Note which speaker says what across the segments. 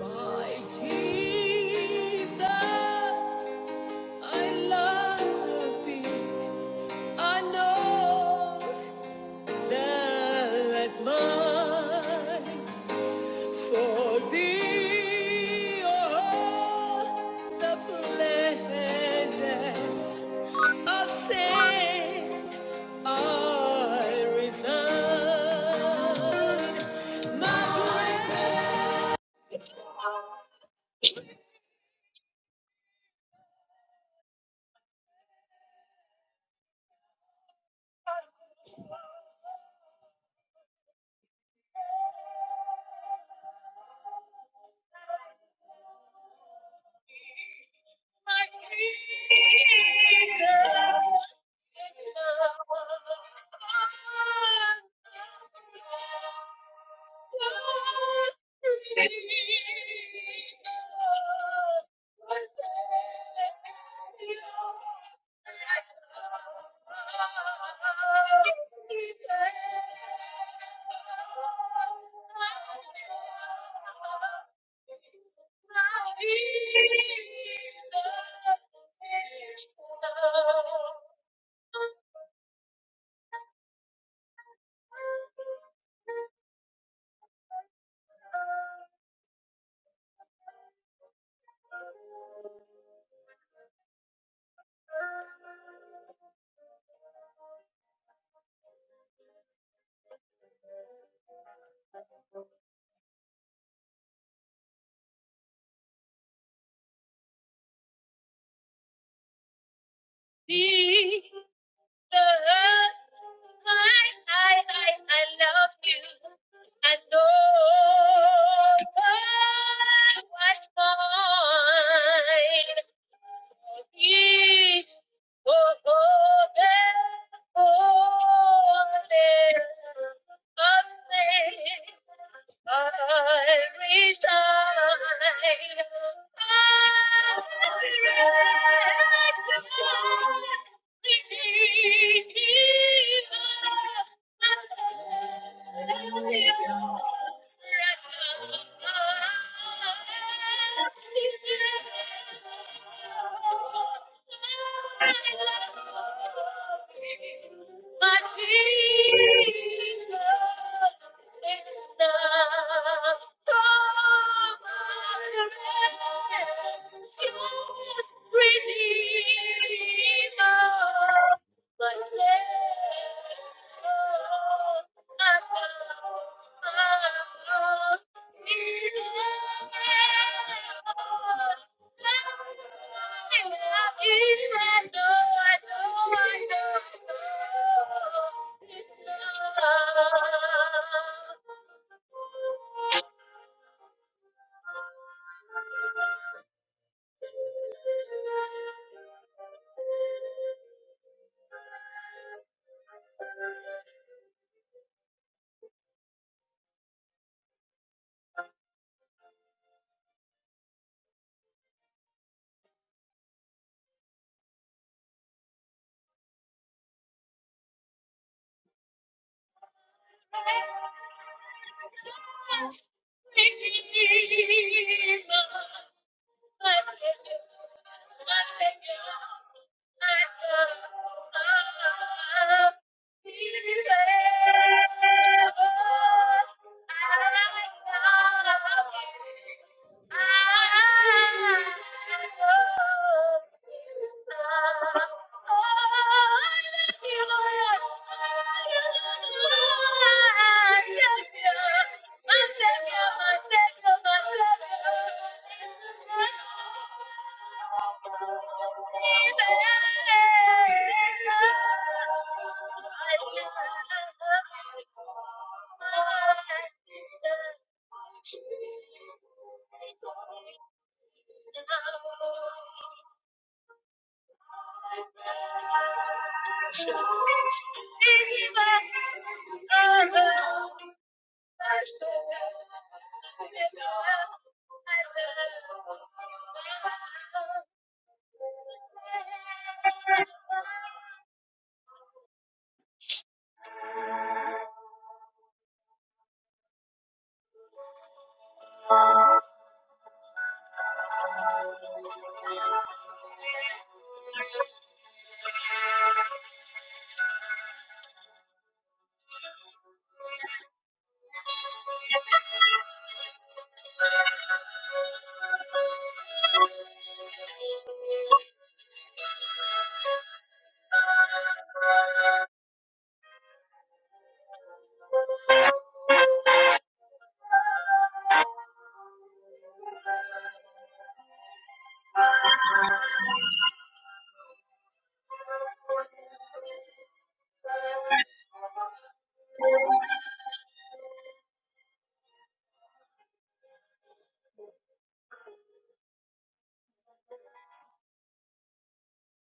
Speaker 1: My Jesus, I love thee. I know that mine for thee are the pleasures of sin I resign. My Jesus, I, I, I I love you. And oh, what's mine? Thank you. My Jesus, Thank you. Thank you. Thank you. I see you.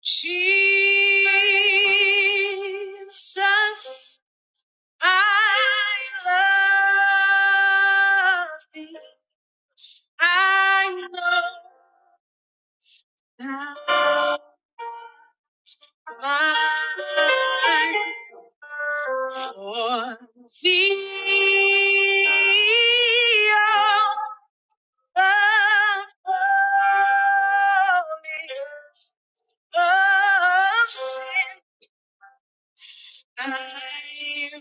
Speaker 1: Jesus, I love thee. I know thou. mine for thee are the fullness of sin I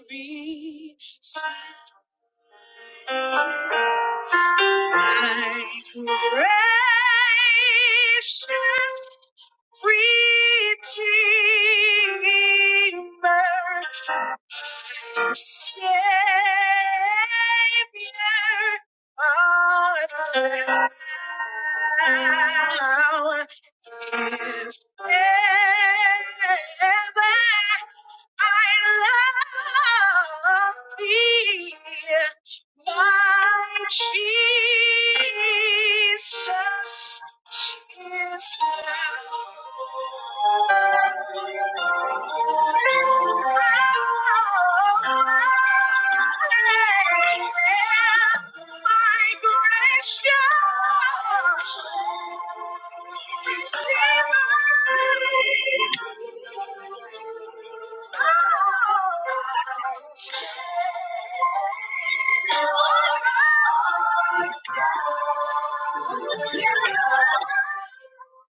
Speaker 1: reach my precious Redeemer, my Savior, art thou. If ever I love thee, my Jesus. Jesus. My gracious Thank you.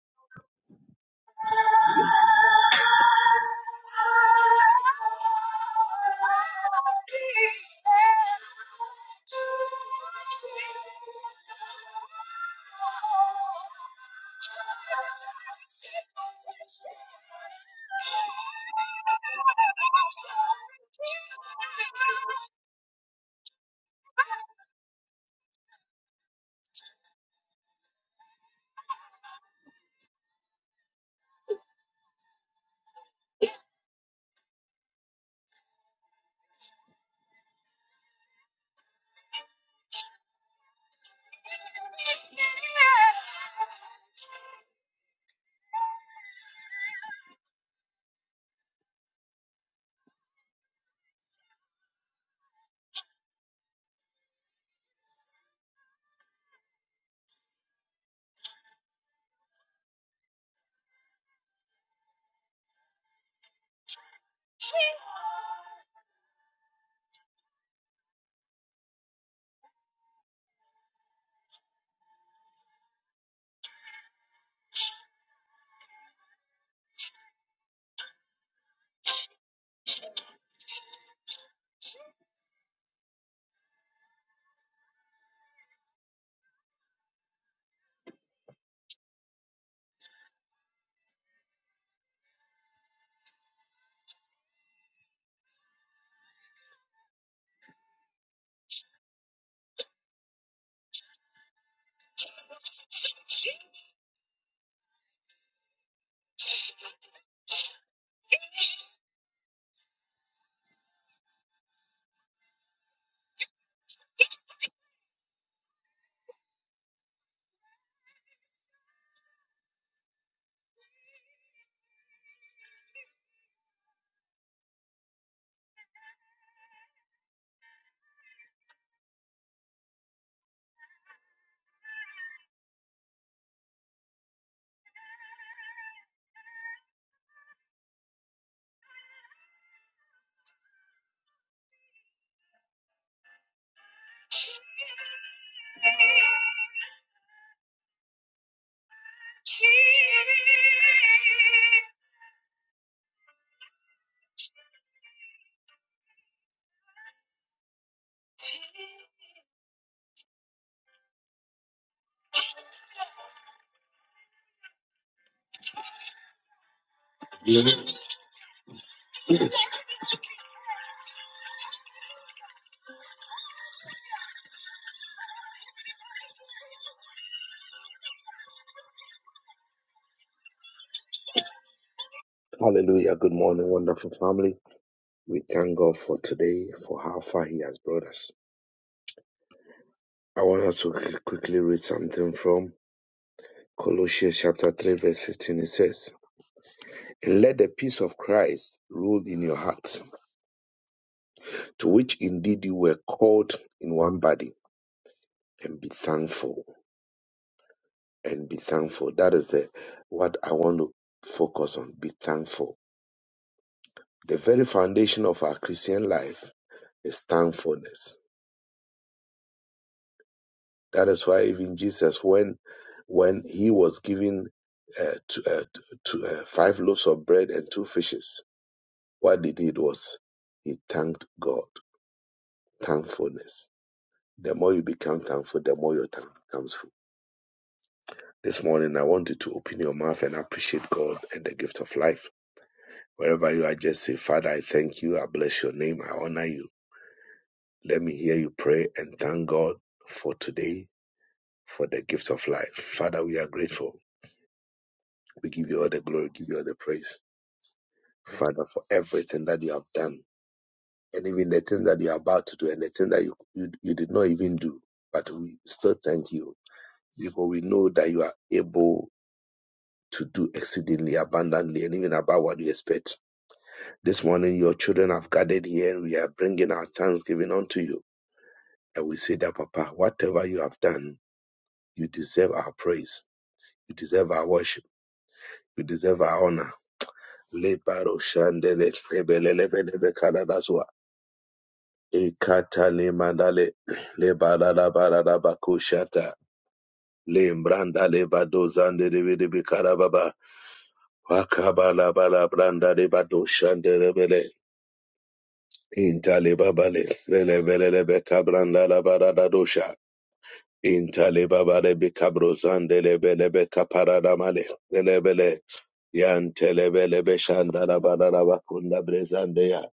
Speaker 1: Hallelujah. Good morning, wonderful family. We thank God for today, for how far He has brought us. I want us to qu- quickly read something from Colossians chapter 3, verse 15. It says, And let the peace of Christ rule in your hearts. To which indeed you were called in one body, and be thankful. And be thankful. That is the, what I want to focus on. Be thankful. The very foundation of our Christian life is thankfulness. That is why even Jesus, when when he was given uh, to, uh, to uh, five loaves of bread and two fishes, what he did was he thanked God. Thankfulness. The more you become thankful, the more your time becomes full. This morning, I want you to open your mouth and appreciate God and the gift of life. Wherever you are, just say, Father, I thank you. I bless your name. I honor you. Let me hear you pray and thank God for today, for the gift of life. Father, we are grateful. We give you all the glory, give you all the praise. Father, for everything that you have done and even the thing that you are about to do and the thing that you, you, you did not even do. But we still thank you because we know that you are able to do exceedingly abundantly and even above what you expect. This morning, your children have gathered here and we are bringing our thanksgiving unto you. And we say that, Papa, whatever you have done, you deserve our praise. You deserve our worship. You deserve our honor. Lebaro shandele, lebelelebelebe kadadaswa. Ekata lemandale, lebalalabalalabakushata, lembranda lebadozandelebelebe karababa, wakabalabalabranda lebadoshandelebele, intalebabale, lelebelelebe kabranda labaradadosha. Intalebabare bikabrozan delebelebe kaparanamale delebele yan Intalebabarebe kabrosandelebelebe kaparadamale lebele yantelebelebe shandarabararakunda brezandeya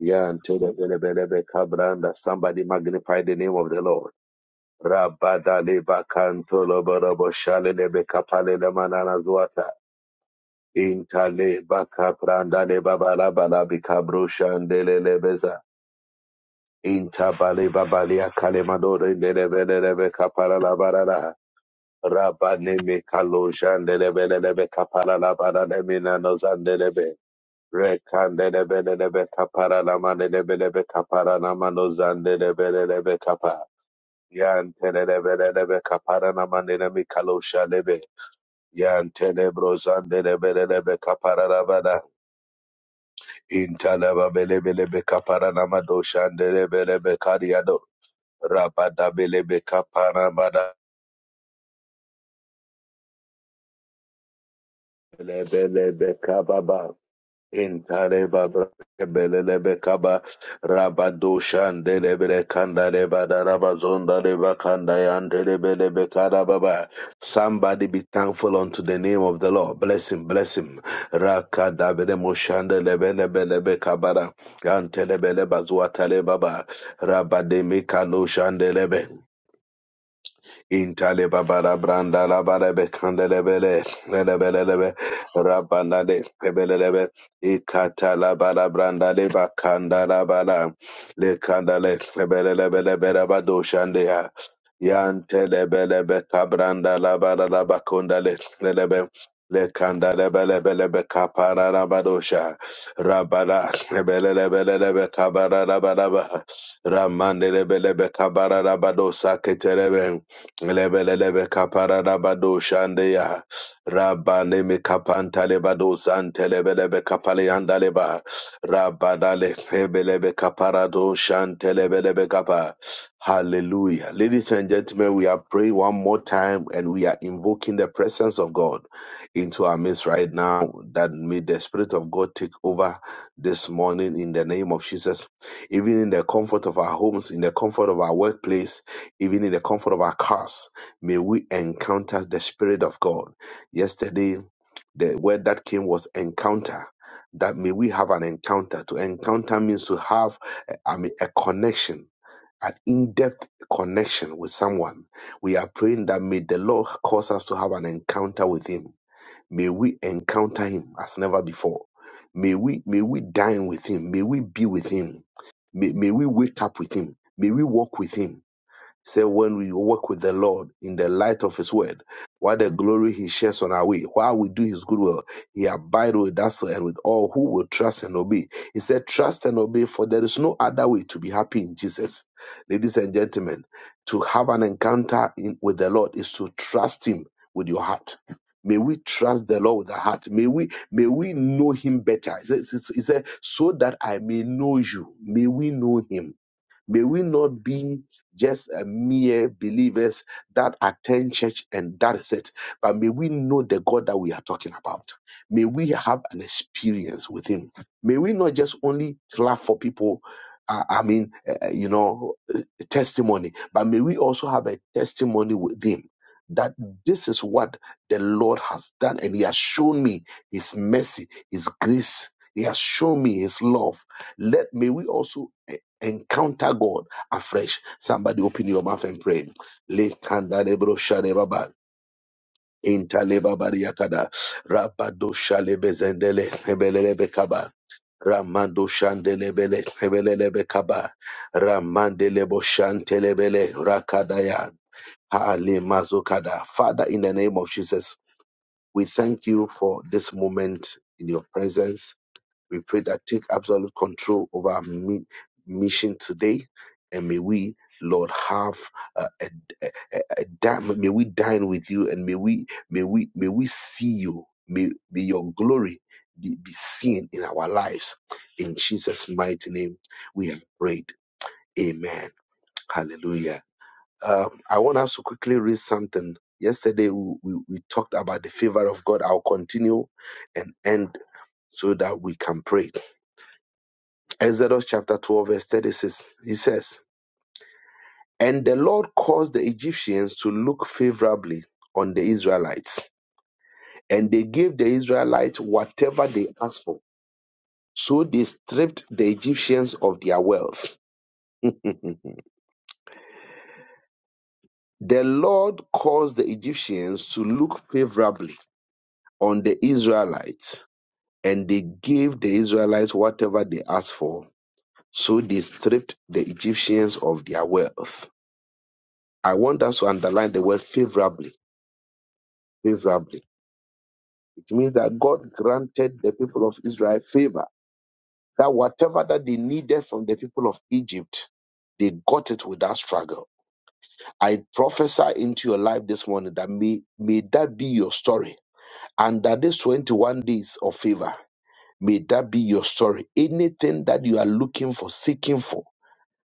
Speaker 1: yantelebelebelebe kabranda. Somebody magnify the name of the Lord. Rabada leba kantolo Rabadaleba kantoloborobo shalelebe kapalelemanana zuata. Intaleba kaprandaleba barabarabi kabroshandelelebeza. Intabale babalia kalemadore lelebelebe barara. Rabanimi Kaloshandelebelebe Kaparalabanamina Nozandelebe. Rekandelebelebe Kaparalamanelebelebe Kaparanamanosandelebelebe Kapa. Yantelebelebe Kaparanamanelemi Kaloshalebe. Yantelebrozandelebelebe Kaparalabana. Intalababelebelebe Kaparanamadosandelebelebe Kariado. Rabadabelebe Kaparamada. Lebelebe Kababa. Intareba belelebe kaba rabado shandelebele kandareba darabazondareba kandayandelebelebe karababa. Somebody be thankful unto the name of the Lord. Bless him, bless him. Rakadabele moshandelebelebelebe kabara yantelebele bazuatale baba rabademi kalo shandelebe. Intale babara branda la barebe kandelebele lebelelebe rabanda de lebelelebe ikata la bara branda de bakanda la bara le kandale lebelelebe rabado shande ya yante lebelebe kabranda la bara la bakonda le lebe le kanda lebelebelebe kapara rabadosha rabara lebelelebelebe kabara rabaraba Ramandelebelebe kabararabado saketerebe. Lebelelebe kapararabado shandeya. Rabane me kapantalebado zantelebelebe kapaleandaleba. Rabadale hebelebe kaparado shantelebelebe kapa. Hallelujah. Ladies and gentlemen, we are praying one more time and we are invoking the presence of God into our midst right now. That may the Spirit of God take over this morning in the name of Jesus. Even in the comfort of our homes, in the comfort of our workplace, even in the comfort of our cars, may we encounter the Spirit of God. Yesterday, the word that came was encounter. That may we have an encounter. To encounter means to have, I mean, a connection an in-depth connection with someone, we are praying that may the Lord cause us to have an encounter with Him. May we encounter Him as never before. May we may we dine with Him. May we be with Him. May, may we wake up with Him. May we walk with Him Say when we walk with the Lord in the light of his word, what the glory he shares on our way, while we do his good will, he abide with us and with all who will trust and obey. He said, Trust and obey, for there is no other way to be happy in Jesus. Ladies and gentlemen, to have an encounter in, with the Lord is to trust him with your heart. May we trust the Lord with our heart. May we may we know him better. He said, he said, so that I may know you. May we know him May we not be just a mere believers that attend church and that is it. But may we know the God that we are talking about. May we have an experience with Him. May we not just only clap for people. uh, I mean, uh, uh, you know, uh, testimony, but may we also have a testimony with Him that this is what the Lord has done, and He has shown me His mercy, His grace. He has shown me His love. Let may we also encounter God afresh. Somebody open your mouth and pray. Lekanda lebro shade baba. Inta bariakada. Rabado shale bezendele. Ebelele bekaba. Ramando shandelebele. Ebelele bekaba. Ramandelebo shantelebele. Rakadaya. Haale mazokada. Father, in the name of Jesus, we thank you for this moment in your presence. We pray that take absolute control over our mi- mission today, and may we, Lord, have uh, a, a, a, a dine- may we dine with you, and may we may we may we see you. May may your glory be, be seen in our lives. In Jesus' mighty name, we have prayed. Amen. Hallelujah. Um, I want us to quickly read something. Yesterday we, we, we talked about the favor of God. I'll continue and end so that we can pray. Exodus chapter 12, verse 36. He says, And the Lord caused the Egyptians to look favorably on the Israelites, and they gave the Israelites whatever they asked for. So they stripped the Egyptians of their wealth. the Lord caused the Egyptians to look favorably on the Israelites, and they gave the Israelites whatever they asked for. So they stripped the Egyptians of their wealth. I want us to underline the word favorably favorably. It means that God granted the people of Israel favor, that whatever that they needed from the people of Egypt, they got it without struggle. I prophesy into your life this morning that may, may that be your story. And that these 21 days of favor, may that be your story. Anything that you are looking for, seeking for,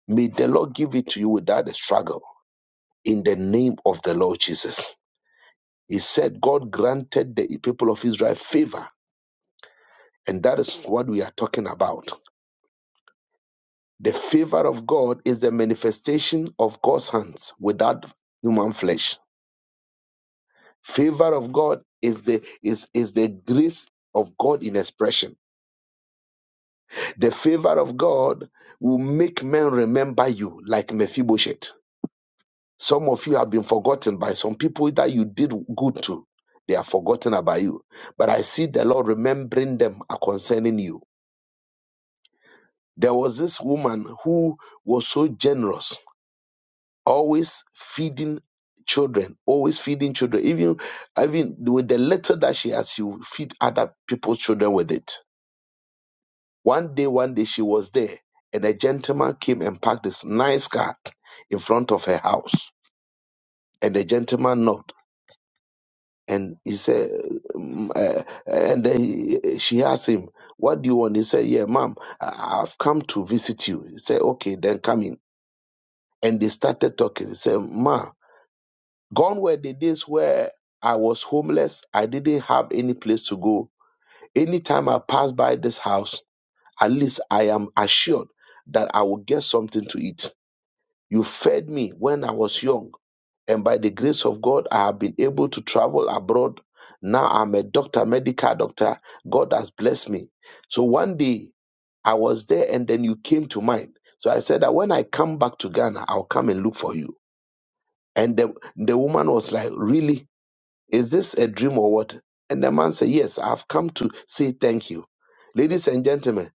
Speaker 1: may the Lord give it to you without a struggle. In the name of the Lord Jesus. He said, God granted the people of Israel favor And that is what we are talking about. The favor of God is the manifestation of God's hands without human flesh. Favor of God is the is, is the grace of God in expression. The favor of God will make men remember you like Mephibosheth. Some of you have been forgotten by some people that you did good to. They are forgotten about you. But I see the Lord remembering them concerning you. There was this woman who was so generous always feeding children, always feeding children. Even even with the little that she has, she will feed other people's children with it. One day, one day she was there, and a gentleman came and parked this nice car in front of her house. And the gentleman knocked, and he said, um, uh, and then he, she asked him, "What do you want?" He said, "Yeah, madam I- I've come to visit you." He said, "Okay, then come in." And they started talking. He said, "Ma." Gone were the days where I was homeless. I didn't have any place to go. Anytime I pass by this house, at least I am assured that I will get something to eat. You fed me when I was young. And by the grace of God, I have been able to travel abroad. Now I'm a doctor, medical doctor. God has blessed me. So one day I was there and then you came to mind. So I said that when I come back to Ghana, I'll come and look for you. And the, the woman was like, Really? Is this a dream or what? And the man said, Yes, I've come to say thank you. Ladies and gentlemen,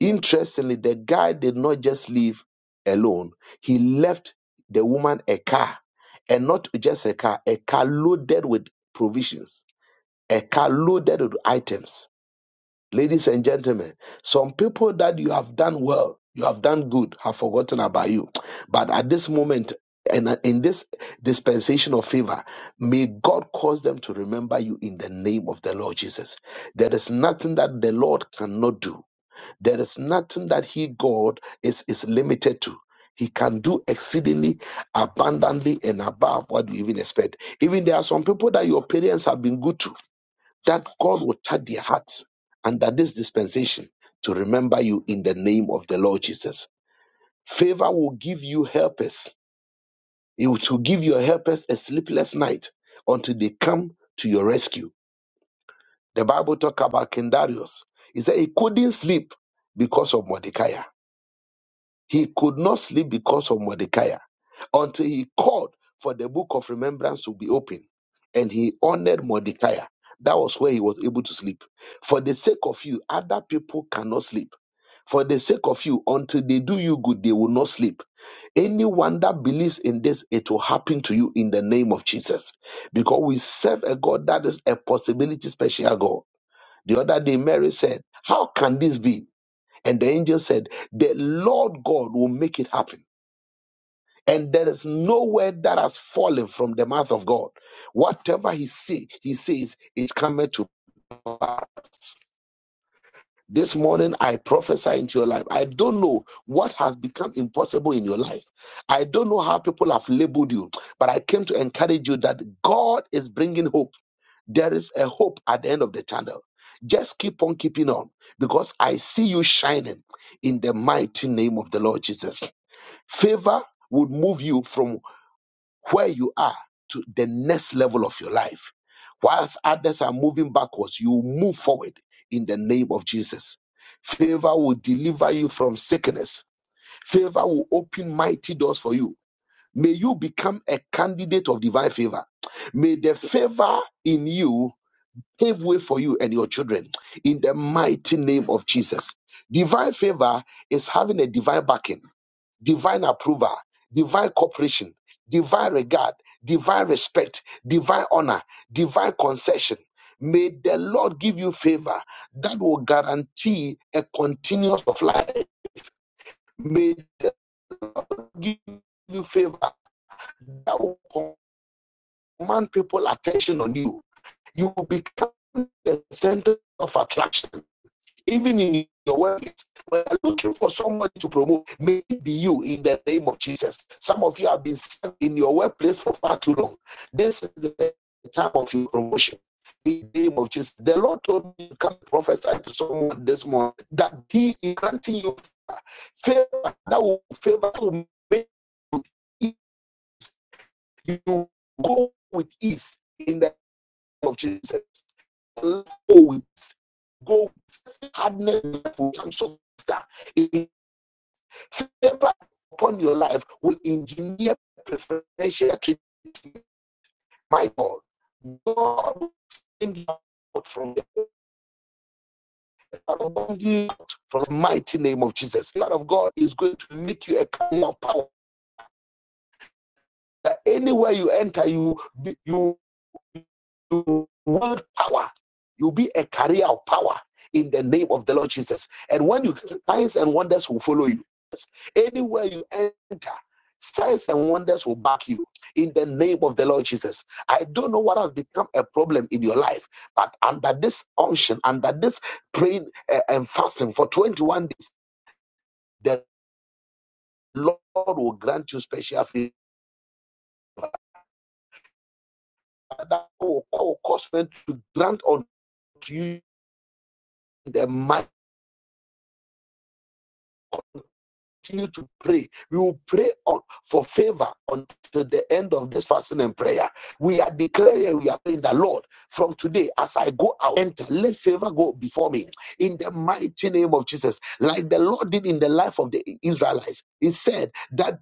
Speaker 1: interestingly, the guy did not just leave alone, he left the woman a car, and not just a car, a car loaded with provisions, a car loaded with items Ladies and gentlemen, some people that you have done well, you have done good, have forgotten about you. But at this moment, and uh, in this dispensation of favor, may God cause them to remember you in the name of the Lord Jesus. There is nothing that the Lord cannot do. There is nothing that He, God, is, is limited to. He can do exceedingly abundantly and above what you even expect. Even there are some people that your parents have been good to that God will touch their hearts under this dispensation to remember you in the name of the Lord Jesus. Favor will give you helpers. It will give your helpers a sleepless night until they come to your rescue. The Bible talk about Kendarius. He said he couldn't sleep because of Mordecai. He could not sleep because of Mordecai until he called for the book of remembrance to be opened. And he honored Mordecai. That was where he was able to sleep. For the sake of you, other people cannot sleep. For the sake of you, until they do you good, they will not sleep. Anyone that believes in this, it will happen to you in the name of Jesus. Because we serve a God that is a possibility special God. The other day, Mary said, How can this be? And the angel said, The Lord God will make it happen. And there is no word that has fallen from the mouth of God. Whatever he say, he says is coming to pass. This morning I prophesy into your life. I don't know what has become impossible in your life. I don't know how people have labeled you, but I came to encourage you that God is bringing hope. There is a hope at the end of the tunnel. Just keep on keeping on because I see you shining in the mighty name of the Lord Jesus. Favor would move you from where you are to the next level of your life. Whilst others are moving backwards, you move forward in the name of Jesus. Favor will deliver you from sickness. Favor will open mighty doors for you. May you become a candidate of divine favor. May the favor in you pave way for you and your children in the mighty name of Jesus. Divine favor is having a divine backing, divine approval, divine cooperation, divine regard, divine respect, divine honor, divine concession. May the Lord give you favor that will guarantee a continuous of life. May the Lord give you favor that will command people attention on you. You will become the center of attraction even in your workplace, we are looking for somebody to promote, may it be you in the name of Jesus. Some of you have been stuck in your workplace for far too long. This is the time of your promotion. In the name of Jesus, the Lord told me to come prophesy to someone this morning that He is granting you favor that will favor will make you go with ease in the name of Jesus. Go with go hardness will come so that it- favor upon your life will engineer preferential treatment. My God, God will send you out from the from the mighty name of Jesus. The Lord of God is going to make you a kind of power. That anywhere you enter, you you you want power, you'll be a carrier of power in the name of the Lord Jesus. And when you signs and wonders will follow you. Anywhere you enter, signs and wonders will back you in the name of the Lord Jesus. I don't know what has become a problem in your life, but under this unction, under this praying uh, and fasting for 21 days, the Lord will grant you special favor that will will cause men to grant unto you in the mighty. continue to pray. We will pray on, for favor until the end of this fasting and prayer. We are declaring, we are praying the Lord from today as I go out, enter, let favor go before me in the mighty name of Jesus, like the Lord did in the life of the Israelites. He said that.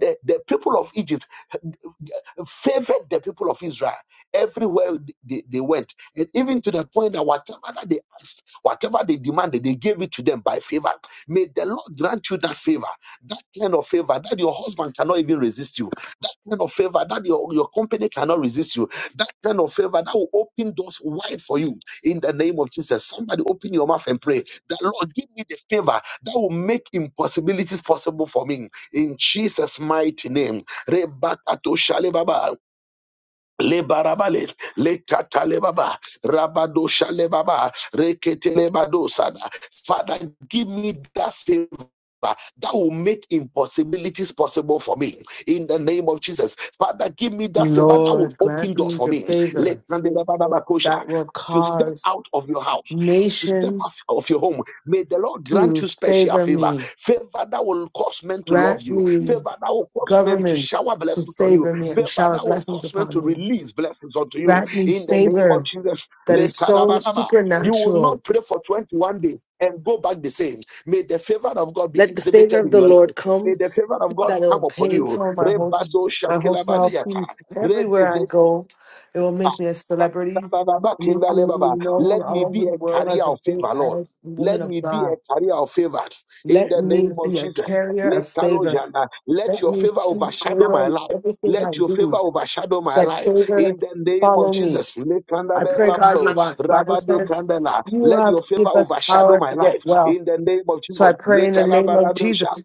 Speaker 1: The, the people of Egypt favored the people of Israel everywhere they, they went. And even to the point that whatever that they asked, whatever they demanded, they gave it to them by favor. May the Lord grant you that favor, that kind of favor that your husband cannot even resist you, that kind of favor that your, your company cannot resist you, that kind of favor that will open doors wide for you in the name of Jesus. Somebody open your mouth and pray that Lord, give me the favor that will make impossibilities possible for me in Jesus' mighty name. Rebakato Shalebaba le barabale le katalebaba rabado shalebaba reketelebado sada father give me that favor that will make impossibilities possible for me in the name of Jesus. Father, give me that favor that will
Speaker 2: Lord,
Speaker 1: open
Speaker 2: grant
Speaker 1: doors
Speaker 2: me
Speaker 1: for
Speaker 2: the
Speaker 1: me. Let
Speaker 2: favor
Speaker 1: Kandelebadabakosha,
Speaker 2: that will
Speaker 1: As you step
Speaker 2: cause
Speaker 1: out of your house, as you step out
Speaker 2: nations
Speaker 1: of your home, may the Lord grant
Speaker 2: to
Speaker 1: you special
Speaker 2: favor
Speaker 1: favor.
Speaker 2: me.
Speaker 1: Favor that will cause men to love
Speaker 2: Grant
Speaker 1: you. Favor
Speaker 2: me
Speaker 1: that will cause men to shower
Speaker 2: governments to
Speaker 1: blessings on you
Speaker 2: favor me and
Speaker 1: Favor
Speaker 2: shower
Speaker 1: that will
Speaker 2: blessings
Speaker 1: cause men
Speaker 2: upon
Speaker 1: to
Speaker 2: me.
Speaker 1: release blessings unto you
Speaker 2: Grant me
Speaker 1: in the name of
Speaker 2: favor
Speaker 1: Jesus.
Speaker 2: that is so
Speaker 1: You will
Speaker 2: supernatural.
Speaker 1: not pray for 21 days and go back the same. May the favor of God be
Speaker 2: Let the favor
Speaker 1: exhibited
Speaker 2: of
Speaker 1: in
Speaker 2: the
Speaker 1: your
Speaker 2: Lord
Speaker 1: life. May
Speaker 2: come
Speaker 1: the favor of God
Speaker 2: that it
Speaker 1: come
Speaker 2: will
Speaker 1: upon
Speaker 2: pay
Speaker 1: you.
Speaker 2: for my whole
Speaker 1: Rebado
Speaker 2: my hotel
Speaker 1: shakilabadiyata.
Speaker 2: fees everywhere
Speaker 1: Rede
Speaker 2: I go. It will make me a celebrity. It will make me be known
Speaker 1: let
Speaker 2: all
Speaker 1: me
Speaker 2: over
Speaker 1: be
Speaker 2: the
Speaker 1: a
Speaker 2: world
Speaker 1: carrier
Speaker 2: as a
Speaker 1: of
Speaker 2: fa-
Speaker 1: favor, Lord.
Speaker 2: as a woman
Speaker 1: Let
Speaker 2: of
Speaker 1: me be
Speaker 2: God.
Speaker 1: a carrier of favor in
Speaker 2: Let
Speaker 1: the
Speaker 2: me
Speaker 1: name of
Speaker 2: be a
Speaker 1: Jesus.
Speaker 2: carrier
Speaker 1: Let
Speaker 2: of favor.
Speaker 1: Kalojana, let
Speaker 2: Let
Speaker 1: your
Speaker 2: me
Speaker 1: favor
Speaker 2: see
Speaker 1: overshadow
Speaker 2: favor
Speaker 1: my
Speaker 2: in
Speaker 1: life.
Speaker 2: everything I
Speaker 1: Let your favor
Speaker 2: do.
Speaker 1: overshadow my
Speaker 2: Let
Speaker 1: life
Speaker 2: favor
Speaker 1: in the name of
Speaker 2: follow me.
Speaker 1: Jesus.
Speaker 2: I pray, God, your
Speaker 1: Lekandadebabo,
Speaker 2: Bi- Bible says
Speaker 1: rabadekandana.
Speaker 2: you
Speaker 1: Let your
Speaker 2: have
Speaker 1: favor
Speaker 2: give us
Speaker 1: overshadow
Speaker 2: power
Speaker 1: my
Speaker 2: to get
Speaker 1: life
Speaker 2: wealth.
Speaker 1: in the name of
Speaker 2: So I
Speaker 1: Jesus.
Speaker 2: pray in the name of Jesus
Speaker 1: Lekalabadabrosha,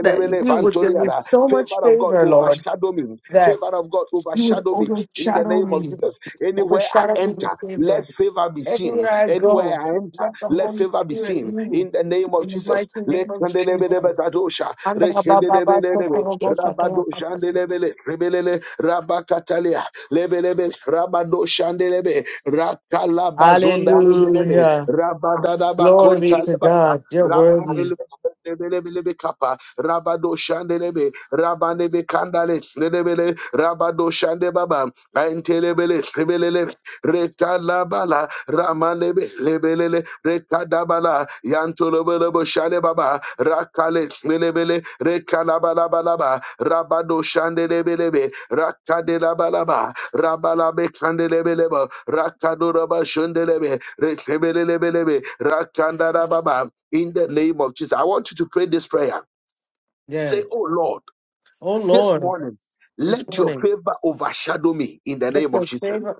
Speaker 2: that you would give me
Speaker 1: pantoliada.
Speaker 2: so much
Speaker 1: Favor of God
Speaker 2: favor, Lord,
Speaker 1: overshadow me.
Speaker 2: that
Speaker 1: Favor of God God,
Speaker 2: you would
Speaker 1: overshadow me in the
Speaker 2: overshadow
Speaker 1: name of
Speaker 2: me,
Speaker 1: Jesus. Anywhere I
Speaker 2: overshadow me
Speaker 1: enter,
Speaker 2: with
Speaker 1: let
Speaker 2: favor.
Speaker 1: favor be seen.
Speaker 2: Everywhere I
Speaker 1: Anywhere
Speaker 2: go,
Speaker 1: I enter,
Speaker 2: let the
Speaker 1: let
Speaker 2: Holy
Speaker 1: favor be
Speaker 2: Spirit
Speaker 1: seen
Speaker 2: move
Speaker 1: in the name of
Speaker 2: in the
Speaker 1: Jesus.
Speaker 2: mighty
Speaker 1: Let
Speaker 2: name of Jesus.
Speaker 1: kandelebedebetadosha,
Speaker 2: Hallelujah.
Speaker 1: rekendelebelelebe, rabadoshandelebele, rebelele, rabakatalia, lebelebe, rabadoshandelebe, rakalabazondalebelebe,
Speaker 2: Glory to
Speaker 1: rabadadabakontaleba,
Speaker 2: God. You're worthy.
Speaker 1: Rabandelebe, lebelebelebe kapa, Rabado Shandelebe, Rabanebe Kandale, Lebele, Rabado Shande Baba, Antelebele, Lebelele, Rekalabala, Ramanebe, Lebelele, Rekadabala, Yantolobolobo Shande Baba, Rakale, Lebele, Rekalabalabalaba, Rabado Shandelebelebe, Rakadelabalaba, Rabalabe Kandelebeleba, Rakadoraba Shundelebe, Rekebelebelebe, Rakandarababa, in the name of Jesus. I want you to pray this prayer.
Speaker 2: Yes.
Speaker 1: Say, Oh Lord,
Speaker 2: Oh
Speaker 1: this
Speaker 2: Lord,
Speaker 1: morning,
Speaker 2: this
Speaker 1: let your
Speaker 2: morning,
Speaker 1: favor overshadow me in the
Speaker 2: let
Speaker 1: name
Speaker 2: your
Speaker 1: of Jesus.
Speaker 2: favor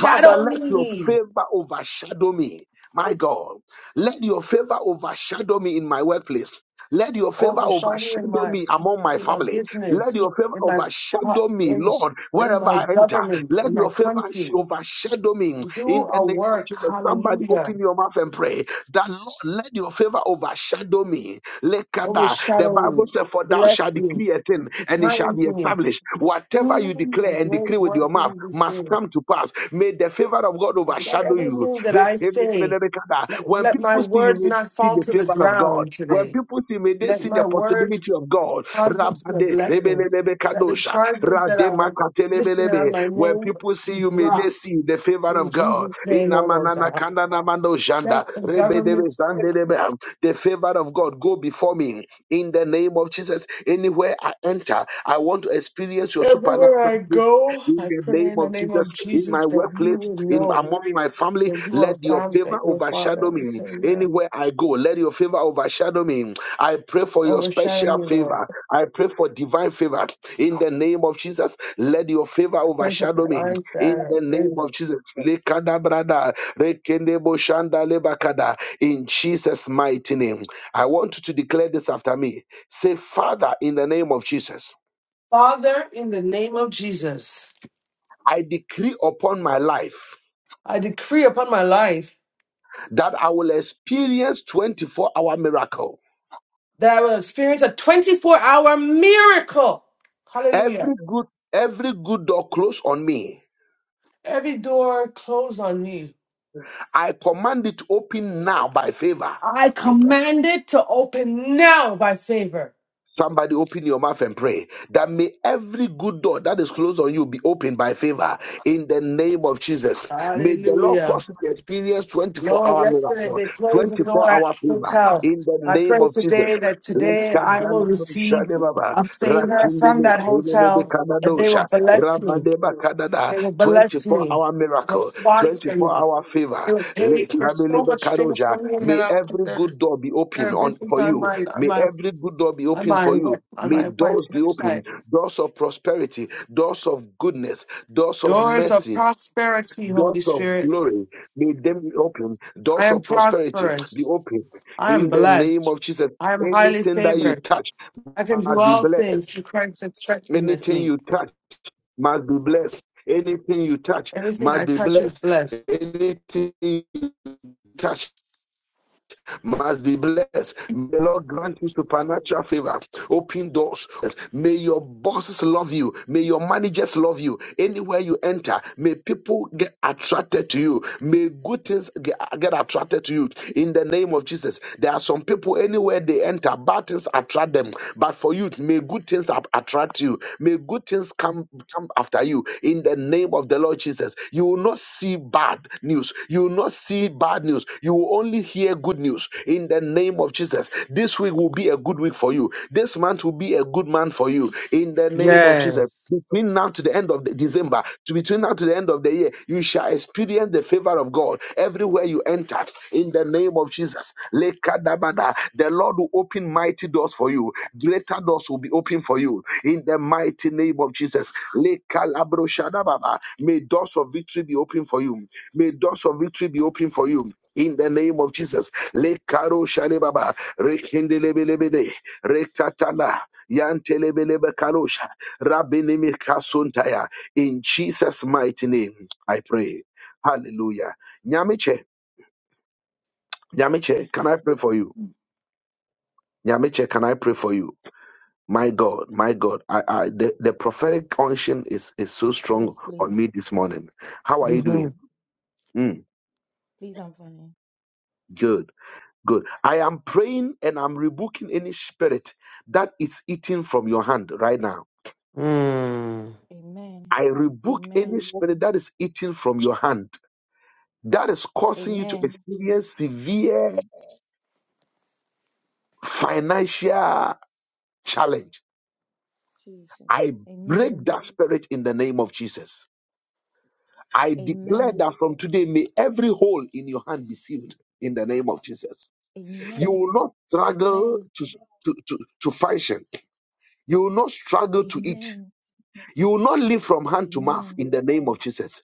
Speaker 1: Father, let your
Speaker 2: me.
Speaker 1: favor overshadow me. My God, let your favor overshadow me in my workplace. Let your favor
Speaker 2: Overshadow me in
Speaker 1: overshadow
Speaker 2: my
Speaker 1: me among my
Speaker 2: in my
Speaker 1: family. Let
Speaker 2: business,
Speaker 1: your favor
Speaker 2: in my part-
Speaker 1: overshadow me,
Speaker 2: in,
Speaker 1: Lord,
Speaker 2: in
Speaker 1: wherever
Speaker 2: my
Speaker 1: I enter.
Speaker 2: government,
Speaker 1: Let
Speaker 2: in my
Speaker 1: your favor
Speaker 2: country.
Speaker 1: sh- overshadow me
Speaker 2: Do
Speaker 1: in the
Speaker 2: a
Speaker 1: name of
Speaker 2: work.
Speaker 1: Jesus. Somebody
Speaker 2: Hallelujah.
Speaker 1: open your mouth and pray that, Lord, let your favor overshadow me Lekada. The
Speaker 2: Overshadow
Speaker 1: Bible
Speaker 2: me.
Speaker 1: says, For thou shalt
Speaker 2: Bless me.
Speaker 1: decree a thing,
Speaker 2: Be
Speaker 1: and it shall
Speaker 2: kind
Speaker 1: be
Speaker 2: to me.
Speaker 1: established. Whatever you
Speaker 2: Do a
Speaker 1: declare and decree
Speaker 2: great
Speaker 1: with
Speaker 2: work
Speaker 1: your mouth
Speaker 2: in this
Speaker 1: must
Speaker 2: day.
Speaker 1: come to pass. May the favor of God
Speaker 2: Let
Speaker 1: overshadow you.
Speaker 2: everything that I say,
Speaker 1: Lekada.
Speaker 2: let,
Speaker 1: When
Speaker 2: let my
Speaker 1: people see you,
Speaker 2: words
Speaker 1: may they
Speaker 2: not
Speaker 1: see
Speaker 2: fall
Speaker 1: the
Speaker 2: to the
Speaker 1: favor of God.
Speaker 2: ground
Speaker 1: When
Speaker 2: today.
Speaker 1: people see, may they
Speaker 2: Let
Speaker 1: see
Speaker 2: my
Speaker 1: the
Speaker 2: words
Speaker 1: possibility of God.
Speaker 2: cause me to be a
Speaker 1: Rade
Speaker 2: blessing.
Speaker 1: rebelelebe
Speaker 2: Let the
Speaker 1: kadosha.
Speaker 2: charges that
Speaker 1: Rade
Speaker 2: are listed on
Speaker 1: makatelebelebe.
Speaker 2: my
Speaker 1: When
Speaker 2: name
Speaker 1: people see
Speaker 2: be
Speaker 1: you, may they see
Speaker 2: dropped.
Speaker 1: the favor
Speaker 2: In
Speaker 1: of God.
Speaker 2: Jesus'
Speaker 1: In
Speaker 2: name, oh Lord
Speaker 1: namanana
Speaker 2: God.
Speaker 1: kanda namando
Speaker 2: Let
Speaker 1: janda.
Speaker 2: the
Speaker 1: Rebedebe
Speaker 2: governments
Speaker 1: zandelebe. The favor of God go before me. In the name of Jesus, anywhere I enter, I want to experience your
Speaker 2: everywhere
Speaker 1: supernatural
Speaker 2: I go,
Speaker 1: in
Speaker 2: I
Speaker 1: the
Speaker 2: pray
Speaker 1: name
Speaker 2: in the
Speaker 1: of
Speaker 2: name
Speaker 1: Jesus,
Speaker 2: of
Speaker 1: in my
Speaker 2: Jesus that you
Speaker 1: workplace,
Speaker 2: will
Speaker 1: in
Speaker 2: know
Speaker 1: among my family,
Speaker 2: that you are
Speaker 1: let your
Speaker 2: found,
Speaker 1: favor
Speaker 2: that you are Father
Speaker 1: overshadow
Speaker 2: and
Speaker 1: me.
Speaker 2: Savior.
Speaker 1: Anywhere I go, let your favor overshadow me. I pray for your
Speaker 2: Overshadow
Speaker 1: special
Speaker 2: me, Lord.
Speaker 1: favor. I pray for divine favor. In the name of Jesus, let your favor
Speaker 2: I pray for
Speaker 1: overshadow me.
Speaker 2: divine
Speaker 1: In the name
Speaker 2: favor.
Speaker 1: of Jesus. Lekadabrada, rekendeboshandalebakada. In Jesus' mighty name. I want you to declare this after me. Say, Father, in the name of Jesus,
Speaker 2: Father, in the name of Jesus,
Speaker 1: I decree upon my life.
Speaker 2: I decree upon my life
Speaker 1: that I will experience 24 hour miracle.
Speaker 2: that I will experience a 24 hour miracle. Hallelujah.
Speaker 1: Every good every good door closed on me.
Speaker 2: Every door closed on me.
Speaker 1: I command it open now by favor.
Speaker 2: I command it to open now by favor.
Speaker 1: Somebody open your mouth and pray that may every good door that is closed on you be opened by favor in the name of Jesus. May the Lord
Speaker 2: Hallelujah.
Speaker 1: cause you to experience 24
Speaker 2: Lord,
Speaker 1: hour
Speaker 2: yesterday
Speaker 1: miracle,
Speaker 2: they closed the door
Speaker 1: 24
Speaker 2: at
Speaker 1: hour
Speaker 2: the
Speaker 1: favor
Speaker 2: hotel.
Speaker 1: in the
Speaker 2: I pray
Speaker 1: name of Jesus.
Speaker 2: today that today I will receive
Speaker 1: Lekadalabashadebaba,
Speaker 2: a favor from
Speaker 1: rakindele,
Speaker 2: that hotel, that they
Speaker 1: elelebekadadosha,
Speaker 2: will bless me.
Speaker 1: rabadebakadada,
Speaker 2: They will bless
Speaker 1: 24
Speaker 2: me.
Speaker 1: hour
Speaker 2: They'll
Speaker 1: miracle,
Speaker 2: sponsor me.
Speaker 1: 24 hour
Speaker 2: They
Speaker 1: favor.
Speaker 2: were paid for so much things for
Speaker 1: Lekabelebekadoja.
Speaker 2: me, and then
Speaker 1: May
Speaker 2: I put
Speaker 1: every
Speaker 2: their
Speaker 1: good door be
Speaker 2: their
Speaker 1: open on
Speaker 2: business
Speaker 1: for
Speaker 2: on
Speaker 1: you
Speaker 2: my on
Speaker 1: May
Speaker 2: my
Speaker 1: every good door be
Speaker 2: on
Speaker 1: open
Speaker 2: my
Speaker 1: for
Speaker 2: web,
Speaker 1: you.
Speaker 2: on
Speaker 1: May
Speaker 2: my, my
Speaker 1: doors be open,
Speaker 2: website.
Speaker 1: doors of prosperity, doors of goodness, doors of
Speaker 2: Doors of
Speaker 1: mercy,
Speaker 2: prosperity,
Speaker 1: doors
Speaker 2: Holy
Speaker 1: of
Speaker 2: Spirit.
Speaker 1: glory. May them be open,
Speaker 2: I
Speaker 1: doors
Speaker 2: am
Speaker 1: of prosperity be
Speaker 2: prosperous.
Speaker 1: open.
Speaker 2: I am
Speaker 1: In the name
Speaker 2: blessed.
Speaker 1: of Jesus,
Speaker 2: I am highly
Speaker 1: anything that you
Speaker 2: favored.
Speaker 1: touch
Speaker 2: I can do
Speaker 1: must be
Speaker 2: all things
Speaker 1: blessed.
Speaker 2: through Christ that strengtheneth
Speaker 1: Anything
Speaker 2: me.
Speaker 1: you touch must be blessed. Anything you touch
Speaker 2: Everything
Speaker 1: must
Speaker 2: I
Speaker 1: be
Speaker 2: touch is
Speaker 1: blessed.
Speaker 2: blessed.
Speaker 1: Anything you touch must be blessed. May the Lord grant you supernatural favor, open doors. May your bosses love you. May your managers love you. Anywhere you enter, may people get attracted to you. May good things get, get attracted to you. In the name of Jesus, there are some people anywhere they enter, bad things attract them. But for you, may good things ab- attract you. May good things come come after you. In the name of the Lord Jesus, you will not see bad news. You will not see bad news. You will only hear good news in the name of Jesus. This week will be a good week for you. This month will be a good month for you in the name of
Speaker 2: Yes.
Speaker 1: Jesus. Between now to the end of the December, to between now to the end of the year, you shall experience the favor of God everywhere you enter in the name of Jesus. Lekadabada. The Lord will open mighty doors for you. Greater doors will be open for you in the mighty name of Jesus. Lekalabroshadababa. May doors of victory be open for you. May doors of victory be open for you. In the name of Jesus, Le Karo Shale Baba, Rekindelebelebede, Rekatala, Yantelebelebe Karosha, Rabinimi Kasuntaya. In Jesus' mighty name, I pray. Hallelujah. Nyamiche, Nyamiche, can I pray for you? Nyamiche, can I pray for you? My God, my God, I, I, the, the prophetic unction is, is so strong
Speaker 3: Yes, please.
Speaker 1: on me this morning. How are you
Speaker 2: hmm
Speaker 1: doing? Mm,
Speaker 3: Please, I'm fine.
Speaker 1: good. Good. I am praying and I'm rebuking any spirit that is eating from your hand right now.
Speaker 2: Mm.
Speaker 3: Amen.
Speaker 1: I rebuke any
Speaker 3: Amen.
Speaker 1: spirit that is eating from your hand that is causing you to
Speaker 3: Amen.
Speaker 1: experience severe financial challenge.
Speaker 3: Jesus.
Speaker 1: I break
Speaker 3: Amen.
Speaker 1: that spirit in the name of Jesus. I declare
Speaker 3: Amen.
Speaker 1: that from today, may every hole in your hand be sealed in the name of Jesus. You will
Speaker 3: Amen.
Speaker 1: not struggle
Speaker 3: Amen.
Speaker 1: to, to, to, to function, you will not struggle to eat.
Speaker 3: Amen.
Speaker 1: You will not live from hand to mouth
Speaker 3: Amen.
Speaker 1: in the name of Jesus.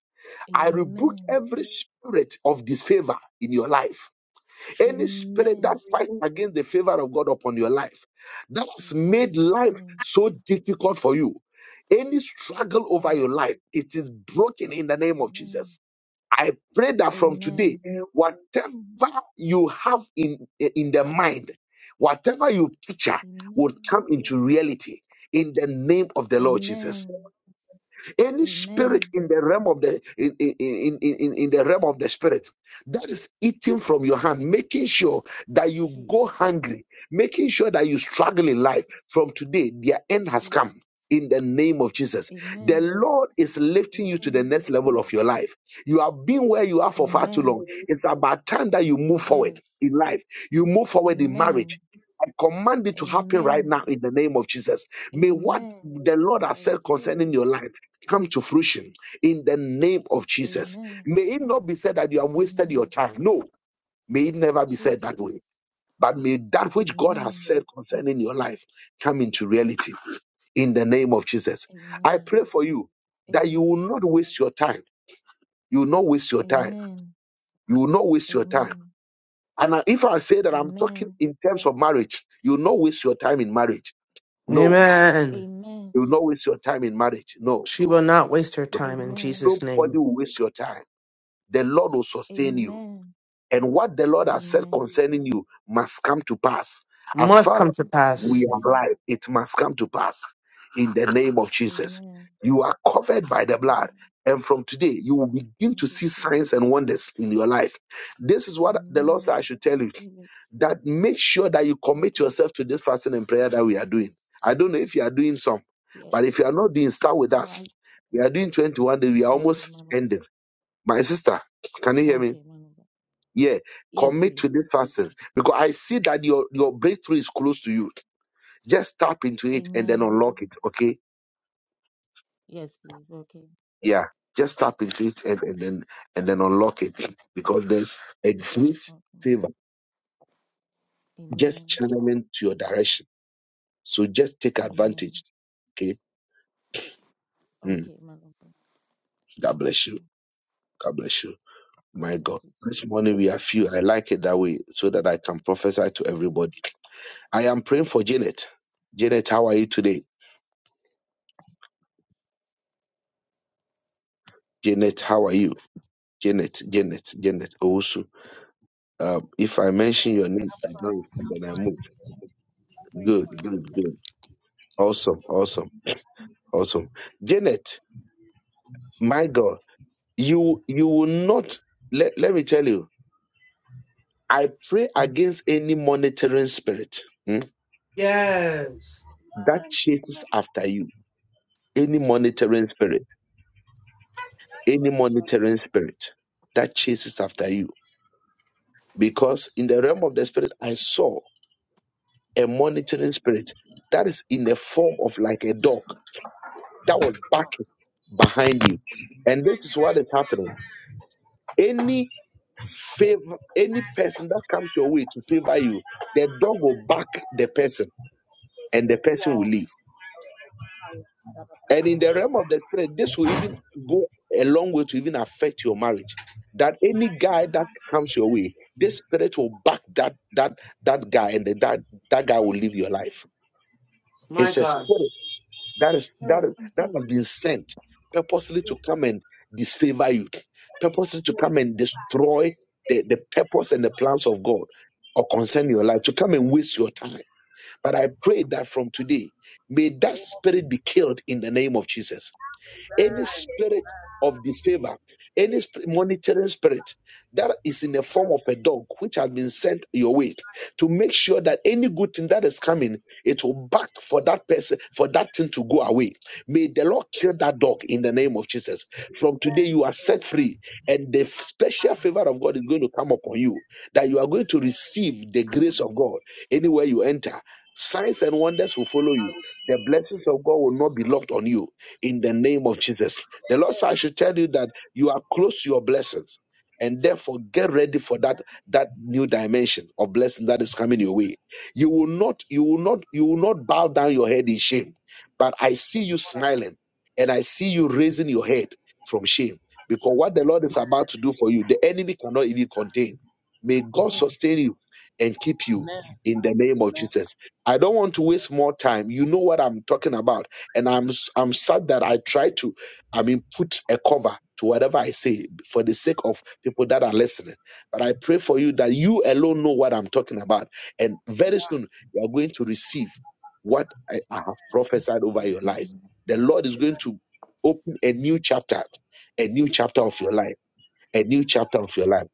Speaker 1: I rebuke
Speaker 3: Amen.
Speaker 1: every spirit of disfavor in your life. Any spirit
Speaker 3: Amen.
Speaker 1: that fights against the favor of God upon your life, that
Speaker 3: In
Speaker 1: has made
Speaker 3: Jesus'
Speaker 1: life
Speaker 3: name.
Speaker 1: so difficult for you. Any struggle over
Speaker 3: Yes.
Speaker 1: your life, it is broken in the name of
Speaker 3: Amen.
Speaker 1: Jesus. I pray that from today,
Speaker 3: Amen.
Speaker 1: whatever you have in, in the mind, whatever you picture
Speaker 3: Amen.
Speaker 1: would come into reality in the name of the Lord Jesus.
Speaker 3: Amen.
Speaker 1: Any spirit
Speaker 3: Amen.
Speaker 1: in the realm of the in, in, in, in, in the realm of
Speaker 3: Jesus.
Speaker 1: the spirit that is eating from your hand, making sure that you go
Speaker 3: Jesus.
Speaker 1: hungry, making sure that you struggle in life.
Speaker 3: Jesus.
Speaker 1: From today, their end has
Speaker 3: Jesus.
Speaker 1: come. In the name of Jesus, the
Speaker 3: Amen.
Speaker 1: Lord is lifting you to the
Speaker 3: Amen.
Speaker 1: next level of your life. You have been where you are for far too long.
Speaker 3: Amen.
Speaker 1: It's about time that you move
Speaker 3: Yes.
Speaker 1: forward in life. You move forward in marriage.
Speaker 3: Amen.
Speaker 1: I command it to happen right
Speaker 3: Amen.
Speaker 1: now in the name of Jesus. May what
Speaker 3: Amen.
Speaker 1: the Lord
Speaker 3: I
Speaker 1: has said
Speaker 3: receive it.
Speaker 1: concerning your life come to fruition in the name of Jesus.
Speaker 3: Amen.
Speaker 1: May it not be said that you have wasted your
Speaker 3: Amen.
Speaker 1: time. No, may it never be said
Speaker 3: Jesus.
Speaker 1: that way. But may that which God has
Speaker 3: Amen.
Speaker 1: said concerning your life come into reality in the name of Jesus. I
Speaker 3: Amen.
Speaker 1: pray for you that you
Speaker 3: Amen.
Speaker 1: will not waste your time. You will not waste your time.
Speaker 3: Amen.
Speaker 1: You will not waste your time.
Speaker 3: Amen.
Speaker 1: And I- if I say that I'm talking
Speaker 3: Amen.
Speaker 1: in terms of marriage, you will not waste your time in marriage. No,
Speaker 2: Amen.
Speaker 3: Amen.
Speaker 1: you will not waste your time in marriage. No,
Speaker 2: She will not waste her time in
Speaker 3: Amen.
Speaker 2: Jesus'
Speaker 1: nobody
Speaker 2: name.
Speaker 1: will waste your time. The Lord will sustain you.
Speaker 3: Amen.
Speaker 1: And what the Lord has said
Speaker 3: Amen.
Speaker 1: concerning you must come to pass. As
Speaker 2: Must
Speaker 1: far as
Speaker 2: come to pass.
Speaker 1: we are
Speaker 3: Amen.
Speaker 1: alive, it must come to pass in the name of Jesus.
Speaker 3: Amen.
Speaker 1: You are covered by the blood.
Speaker 3: Amen.
Speaker 1: And from today, you will begin
Speaker 3: Thank
Speaker 1: to
Speaker 3: you,
Speaker 1: see signs
Speaker 3: Jesus.
Speaker 1: and wonders in your life. This is what the Lord said
Speaker 3: Amen.
Speaker 1: I should tell you
Speaker 3: Receive it.
Speaker 1: that make sure that you commit
Speaker 3: Okay.
Speaker 1: yourself to this fasting and prayer that we are doing. I don't know if you are doing some,
Speaker 3: Yeah.
Speaker 1: but if you are not doing, start with
Speaker 3: No,
Speaker 1: us.
Speaker 3: I.
Speaker 1: We are doing 21 days. We are
Speaker 3: Okay, man.
Speaker 1: almost
Speaker 3: of God.
Speaker 1: ending. My sister, can you hear me?
Speaker 3: Okay, man of God.
Speaker 1: Yeah,
Speaker 3: Yes,
Speaker 1: commit
Speaker 3: please.
Speaker 1: to this person because I see that your your breakthrough is close to you. Just tap into it and then
Speaker 3: Amen.
Speaker 1: unlock it. Okay,
Speaker 3: Yes, please. Okay.
Speaker 1: yeah, just tap
Speaker 3: That's
Speaker 1: into it and, and then and then unlock it because there's a great
Speaker 3: okay, man. of-
Speaker 1: favor
Speaker 3: God. Amen.
Speaker 1: just channeling to your
Speaker 3: Amen.
Speaker 1: direction. So just take
Speaker 3: Amen.
Speaker 1: advantage. Okay, Mm,
Speaker 3: Okay, man of God.
Speaker 1: God
Speaker 3: Thank
Speaker 1: bless
Speaker 3: you.
Speaker 1: you. God bless you.
Speaker 3: God
Speaker 1: My
Speaker 3: bless
Speaker 1: God,
Speaker 3: you too.
Speaker 1: this morning
Speaker 3: Thank you.
Speaker 1: we are few. I like it that way so that I can prophesy to everybody. I am praying for Janet. Janet, how are you today? Janet, how are you? Janet, Janet, Janet Owusu. Uh, if I mention your name,
Speaker 4: I'm
Speaker 1: I don't
Speaker 4: fine.
Speaker 1: respond
Speaker 4: I'm
Speaker 1: and I
Speaker 4: fine.
Speaker 1: move.
Speaker 4: I'm very
Speaker 1: Good,
Speaker 4: fine.
Speaker 1: good, good. Awesome, awesome, awesome. Janet, my God, you you will not let, let me tell you, I pray against any monitoring spirit hmm,
Speaker 2: Yes.
Speaker 1: that
Speaker 4: Man, I'm
Speaker 1: chases
Speaker 4: like,
Speaker 1: after you. Any monitoring
Speaker 4: Jesus.
Speaker 1: spirit, any
Speaker 4: Shut up.
Speaker 1: monitoring spirit that chases after you.
Speaker 4: Jesus.
Speaker 1: Because in the realm of the spirit, I saw a monitoring spirit that is in the form of like a dog that was
Speaker 4: No,
Speaker 1: backing behind you. And this is what is happening. Any favor, any person that comes your way to favor you, the dog will back the person and the person will
Speaker 4: no.
Speaker 1: leave.
Speaker 4: I shut up.
Speaker 1: And
Speaker 4: Oh,
Speaker 1: in the
Speaker 4: shut up.
Speaker 1: realm of the spirit, this will even go a long way to even affect your marriage. That any guy that comes your way, this spirit will back that that that guy and the, that that guy will leave your life.
Speaker 2: My
Speaker 1: It's a
Speaker 2: God.
Speaker 1: spirit That is
Speaker 4: Mm, mm,
Speaker 1: that is that
Speaker 4: mm,
Speaker 1: has been sent purposely to come and disfavor you, purposely to
Speaker 4: mm.
Speaker 1: come and destroy the, the purpose and the plans of God or concern your life, to come and waste your time. But I pray that from today, may that
Speaker 4: Name of Jesus.
Speaker 1: spirit be killed in the name of Jesus.
Speaker 4: Man,
Speaker 1: Any
Speaker 4: man.
Speaker 1: spirit of disfavor, any sp- monitoring spirit that is in the form of a dog which has been sent your way to make sure that any good thing that is coming, it will back for that person, for that thing to go away. May the Lord kill that dog in the name of Jesus. From today, you are set
Speaker 4: Amen. Amen.
Speaker 1: free, and the special
Speaker 4: Amen.
Speaker 1: favor of God is going to come upon you that you are going to
Speaker 4: I
Speaker 1: receive the grace of God anywhere you enter. Signs and
Speaker 4: receive it.
Speaker 1: wonders will follow
Speaker 4: I
Speaker 1: you. The
Speaker 4: receive it.
Speaker 1: blessings of God will not be
Speaker 4: I
Speaker 1: locked on you
Speaker 4: receive it.
Speaker 1: in the name of Jesus. The Lord said, I
Speaker 4: Amen.
Speaker 1: should tell you that you are close to your blessings. And therefore, get ready for that
Speaker 4: Amen.
Speaker 1: that new dimension of blessing that is coming your way. You will not, you will not, you will not bow down your head in shame. But I see you
Speaker 4: What I I
Speaker 1: smiling, and I see you raising your head from shame because what the Lord
Speaker 4: receive it.
Speaker 1: is about to do for you, the enemy cannot even contain. May God
Speaker 4: Amen.
Speaker 1: sustain you and keep you
Speaker 4: Amen.
Speaker 1: in the name of
Speaker 4: Amen.
Speaker 1: Jesus. I don't want to waste more time. You know what I'm talking about and I'm s- I'm sad that I try to, I mean, put a cover to whatever I say for the sake of people that are listening. But I pray for you that you alone know what I'm talking about, and very
Speaker 4: Yeah.
Speaker 1: soon you are going to receive what I, I have prophesied over your life. The Lord is going
Speaker 4: Amen.
Speaker 1: to open a new chapter, a new chapter of your life a new chapter of your life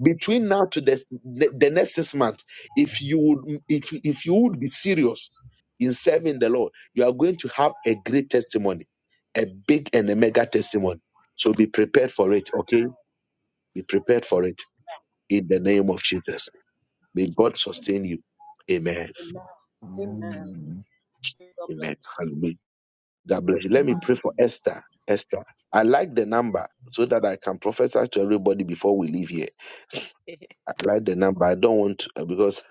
Speaker 1: between now to the, the next six months if you would if, if you would be serious in serving the lord you are going to have a great testimony a big and a mega testimony so be prepared for it okay be prepared for it in the name of jesus may god sustain you amen
Speaker 4: Amen. Amen. God
Speaker 1: amen
Speaker 4: bless you.
Speaker 1: hallelujah god bless you let me pray for esther esther i like the number so that i can prophesy to everybody before we leave here I like the number. I don't want to, uh, because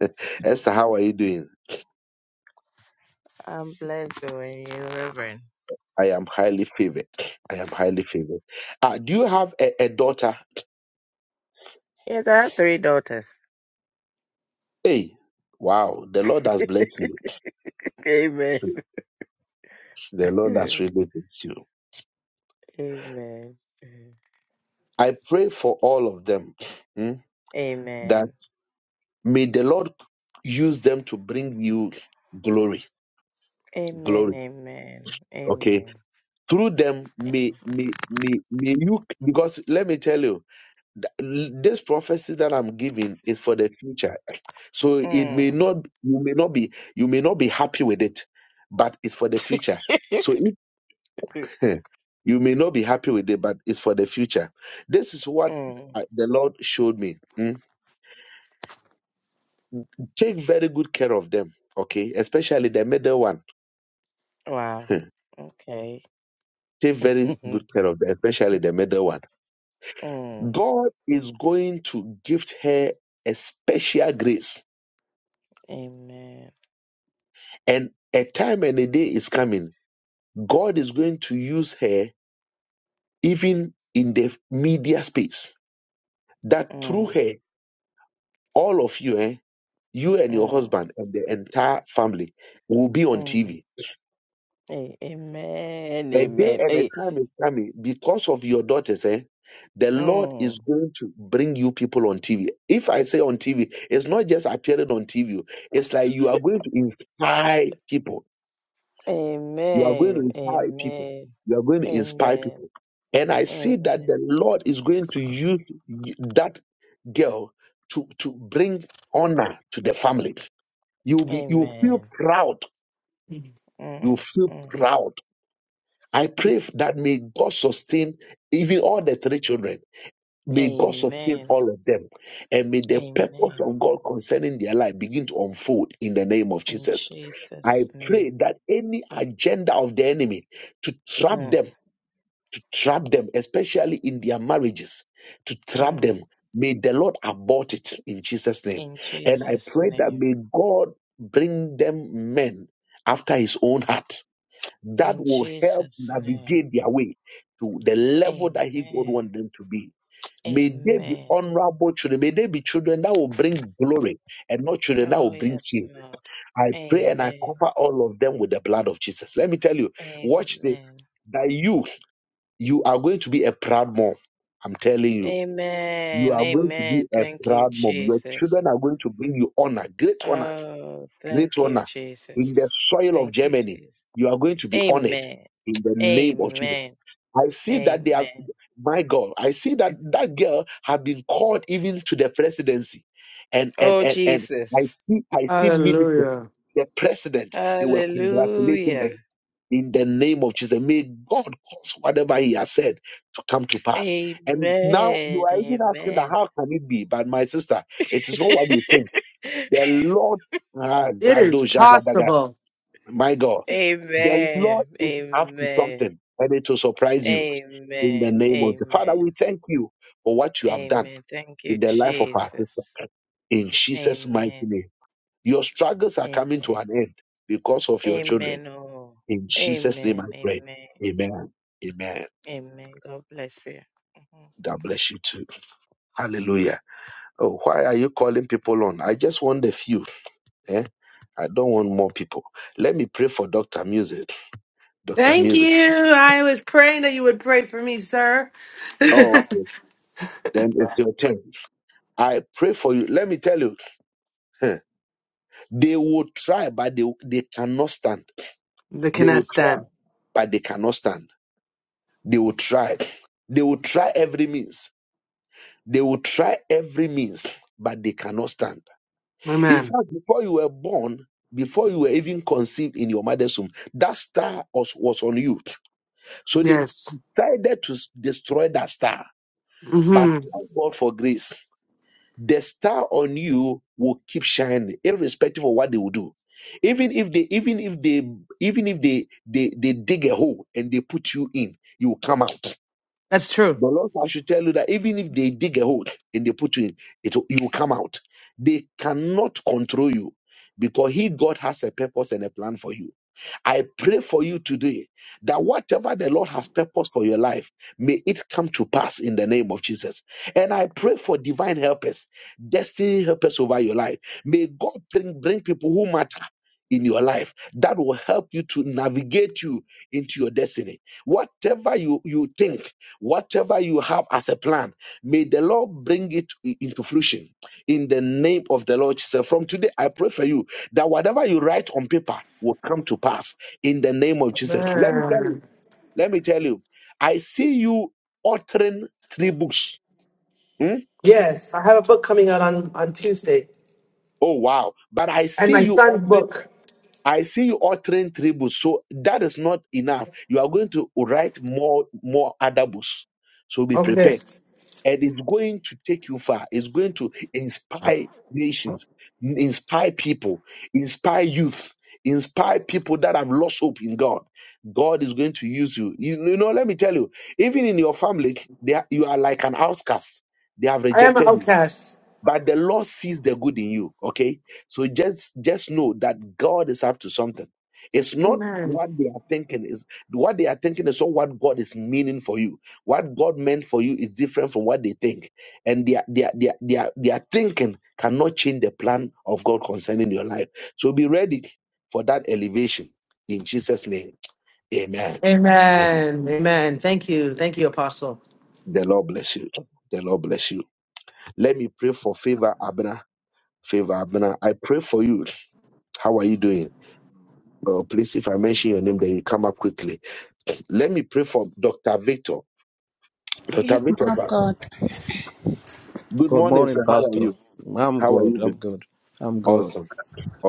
Speaker 1: Esther, how are you doing?
Speaker 5: I'm blessed doing you, Reverend.
Speaker 1: I am highly favored. I am highly favored. Ah, do you have a, a daughter?
Speaker 5: Yes, I have three daughters.
Speaker 1: Hey, wow, the Lord has blessed you.
Speaker 5: Amen.
Speaker 1: The Lord has really blessed you.
Speaker 5: Amen.
Speaker 1: I pray for all of them hmm, that
Speaker 5: Amen.
Speaker 1: may the Lord use them to bring you glory.
Speaker 5: Amen.
Speaker 1: Glory.
Speaker 5: Amen.
Speaker 1: Okay.
Speaker 5: Amen.
Speaker 1: Through them,
Speaker 5: Mm.
Speaker 1: may may may, may you because let me tell you. Th- This prophecy that I'm giving is for the future. So it may
Speaker 5: Mm.
Speaker 1: not you may not be you may not be happy with it, but it's for the future. So
Speaker 5: Good.
Speaker 1: if you may not be happy with it, but it's for the future. This is what
Speaker 5: Mm.
Speaker 1: uh, the Lord showed me. Mm. Take very good care of them, okay? Especially the middle one.
Speaker 5: Wow. Okay.
Speaker 1: Take very good care of them, especially the middle one.
Speaker 5: mm.
Speaker 1: God is going to gift her a special grace,
Speaker 5: Amen.
Speaker 1: and a time and a day is coming God is going to use her even in the media space. That through
Speaker 5: Mm.
Speaker 1: her, all of you, eh, you and your
Speaker 5: Mm.
Speaker 1: husband and the entire family will be on
Speaker 5: Mm.
Speaker 1: TV.
Speaker 5: A- Amen.
Speaker 1: A day
Speaker 5: Amen.
Speaker 1: and a
Speaker 5: A-
Speaker 1: time is coming because of your daughters, eh? The Lord
Speaker 5: Mm.
Speaker 1: is going to bring you people on TV. If I say on TV, it's not just appearing on TV, it's like you are going to inspire people You are going to
Speaker 5: Amen.
Speaker 1: inspire people.
Speaker 5: Amen.
Speaker 1: You are going to inspire
Speaker 5: Amen.
Speaker 1: people. And I see that
Speaker 5: Amen.
Speaker 1: the Lord is going to use that girl to, to bring honor to the family. You'll be you feel
Speaker 5: Amen.
Speaker 1: proud. You
Speaker 5: Mm.
Speaker 1: feel
Speaker 5: Mm.
Speaker 1: proud. I pray that may God sustain even all the three children. May God sustain
Speaker 5: Amen.
Speaker 1: all of them. And may the purpose
Speaker 5: Amen.
Speaker 1: of God concerning their life begin to unfold in the name of
Speaker 5: In
Speaker 1: Jesus. I
Speaker 5: Jesus'
Speaker 1: pray
Speaker 5: name.
Speaker 1: that any agenda of the enemy to trap
Speaker 5: Mm,
Speaker 1: them to trap them, especially in their marriages, to trap
Speaker 5: mm.
Speaker 1: them. May the Lord abort it in Jesus' name.
Speaker 5: In
Speaker 1: And I
Speaker 5: Jesus'
Speaker 1: pray that
Speaker 5: name.
Speaker 1: may God bring them men after his own heart that
Speaker 5: In
Speaker 1: will help
Speaker 5: Jesus' name.
Speaker 1: navigate their way to the level that he would
Speaker 5: Amen.
Speaker 1: want them to be. May they be
Speaker 5: Amen.
Speaker 1: honorable children. May they be children that will bring glory and not children that will
Speaker 5: Oh,
Speaker 1: bring
Speaker 5: yes,
Speaker 1: shame.
Speaker 5: Lord.
Speaker 1: I pray and I
Speaker 5: Amen.
Speaker 1: cover all of them with the blood of Jesus. Let me tell you, watch this.
Speaker 5: Amen.
Speaker 1: That you you are going to be a proud mom. I'm telling you. You
Speaker 5: Amen.
Speaker 1: are going to
Speaker 5: Amen.
Speaker 1: be a
Speaker 5: Thank you,
Speaker 1: proud mom. Your
Speaker 5: Jesus.
Speaker 1: children are going to bring you honor, great honor,
Speaker 5: Oh,
Speaker 1: great
Speaker 5: thank you,
Speaker 1: honor.
Speaker 5: Jesus.
Speaker 1: In the soil of
Speaker 5: Thank you,
Speaker 1: Germany,
Speaker 5: Jesus.
Speaker 1: you are going to be honored
Speaker 5: Amen.
Speaker 1: in the name of Jesus.
Speaker 5: Amen.
Speaker 1: I see that they are,
Speaker 5: Amen.
Speaker 1: my God, I see that that girl have been called even to the presidency. And, and,
Speaker 5: Oh,
Speaker 1: and, and I
Speaker 5: Jesus.
Speaker 1: see, I see ministers,
Speaker 2: Hallelujah.
Speaker 1: the president, they were congratulating her
Speaker 5: Hallelujah.
Speaker 1: in the name of Jesus. May God cause whatever He has said to come to pass. And now you
Speaker 5: Amen.
Speaker 1: are even asking that
Speaker 5: Amen.
Speaker 1: how can it be? But my sister, it is not what you think. The Lord, ah,
Speaker 2: It is
Speaker 1: Gado Jagadaga,
Speaker 2: possible.
Speaker 1: my God, the
Speaker 5: Amen.
Speaker 1: Lord is up to
Speaker 5: Amen.
Speaker 1: something, and it will surprise you in the
Speaker 5: Amen.
Speaker 1: name of the Father. We
Speaker 5: Amen.
Speaker 1: thank you for what you have done
Speaker 5: Amen. Thank you,
Speaker 1: in the life of our sister
Speaker 5: Jesus.
Speaker 1: in Jesus' mighty
Speaker 5: Amen.
Speaker 1: name. Your struggles are coming to
Speaker 5: Amen.
Speaker 1: an end because of your children
Speaker 5: Amen. Oh.
Speaker 1: in Jesus' name I
Speaker 5: Amen.
Speaker 1: pray.
Speaker 5: Amen.
Speaker 1: Amen. Amen.
Speaker 5: Amen. God bless you. Mm-hmm.
Speaker 1: God bless you too. Hallelujah. Oh, why are you calling people on? I just want a few. Eh? I don't want more people. Let me pray for Dr. Music. Dr.
Speaker 2: Thank
Speaker 1: Music.
Speaker 2: you. I was praying that you would pray for me, sir.
Speaker 1: Oh, okay. Then it's your turn. I pray for you. Let me tell you, huh, they will try, but they, they cannot stand.
Speaker 2: They
Speaker 1: They will
Speaker 2: cannot
Speaker 1: try,
Speaker 2: stand.
Speaker 1: but they cannot stand. They will try. They will try every means. They will try every means, but they cannot stand In
Speaker 2: Amen.
Speaker 1: fact, before you were born, before you were even conceived in your mother's womb, that star was, was on you. So they
Speaker 2: Yes.
Speaker 1: decided to s- destroy that star. But
Speaker 2: hmm
Speaker 1: thank God for grace. The star on you will keep shining, irrespective of what they will do. Even if they, even if they, even if they, they, they dig a hole and they put you in, you will come out.
Speaker 2: That's true.
Speaker 1: The Lord, said, I should tell you that even if they dig a hole and they put you in, it will- you will come out. They cannot control you because He, God, has a purpose and a plan for you. I pray for you today that whatever the Lord has purposed for your life, may it come to pass in the name of Jesus. And I pray for divine helpers, destiny helpers over your life. May God bring, bring people who matter. In your life, that will help you to navigate you into your destiny. Whatever you, you think, whatever you have as a plan, may the Lord bring it i- into fruition in the name of the Lord Jesus. From today, I pray for you that whatever you write on paper will come to pass in the name of Jesus. Let me tell you,
Speaker 2: Amen.
Speaker 1: let me tell you, I see you authoring three books. Hmm?
Speaker 2: Yes, I have a book coming out on, on Tuesday.
Speaker 1: Oh wow. But I
Speaker 2: And
Speaker 1: see
Speaker 2: my
Speaker 1: you
Speaker 2: son's
Speaker 1: authoring,
Speaker 2: book.
Speaker 1: I see you authoring three books. So that is not enough. You are going to write more, more other books. So be prepared.
Speaker 2: Okay.
Speaker 1: and it's going to take you far. It's going to inspire nations, inspire people, inspire youth, inspire people that have lost hope in God. God is going to use you. You, you know, let me tell you, even in your family, they are, you are like an outcast. They have
Speaker 2: I am an
Speaker 1: rejected you
Speaker 2: outcast.
Speaker 1: but the lord sees the good in you okay so just just know that god is up to something it's not
Speaker 2: Amen.
Speaker 1: what they are thinking is what they are thinking is not what god is meaning for you what god meant for you is different from what they think and their their their their, their thinking cannot change the plan of god concerning your life so be ready for that elevation in jesus name amen amen
Speaker 2: Amen. Amen. Thank you. Thank you, Apostle.
Speaker 1: the lord bless you the lord bless you let me pray for favor abner favor abner i pray for you How are you doing? Uh, please, if I mention your name, then you come up quickly. Let me pray for Dr. Victor. Dr.
Speaker 6: Yes, man
Speaker 1: Victor,
Speaker 6: of
Speaker 1: sir.
Speaker 6: God.
Speaker 1: good
Speaker 7: Good
Speaker 1: morning,
Speaker 7: morning,
Speaker 1: sir. How are
Speaker 7: Pastor.
Speaker 1: you?
Speaker 7: I'm
Speaker 1: How are
Speaker 7: good.
Speaker 1: you
Speaker 7: I'm
Speaker 1: doing?
Speaker 7: good. I'm good.
Speaker 1: Awesome,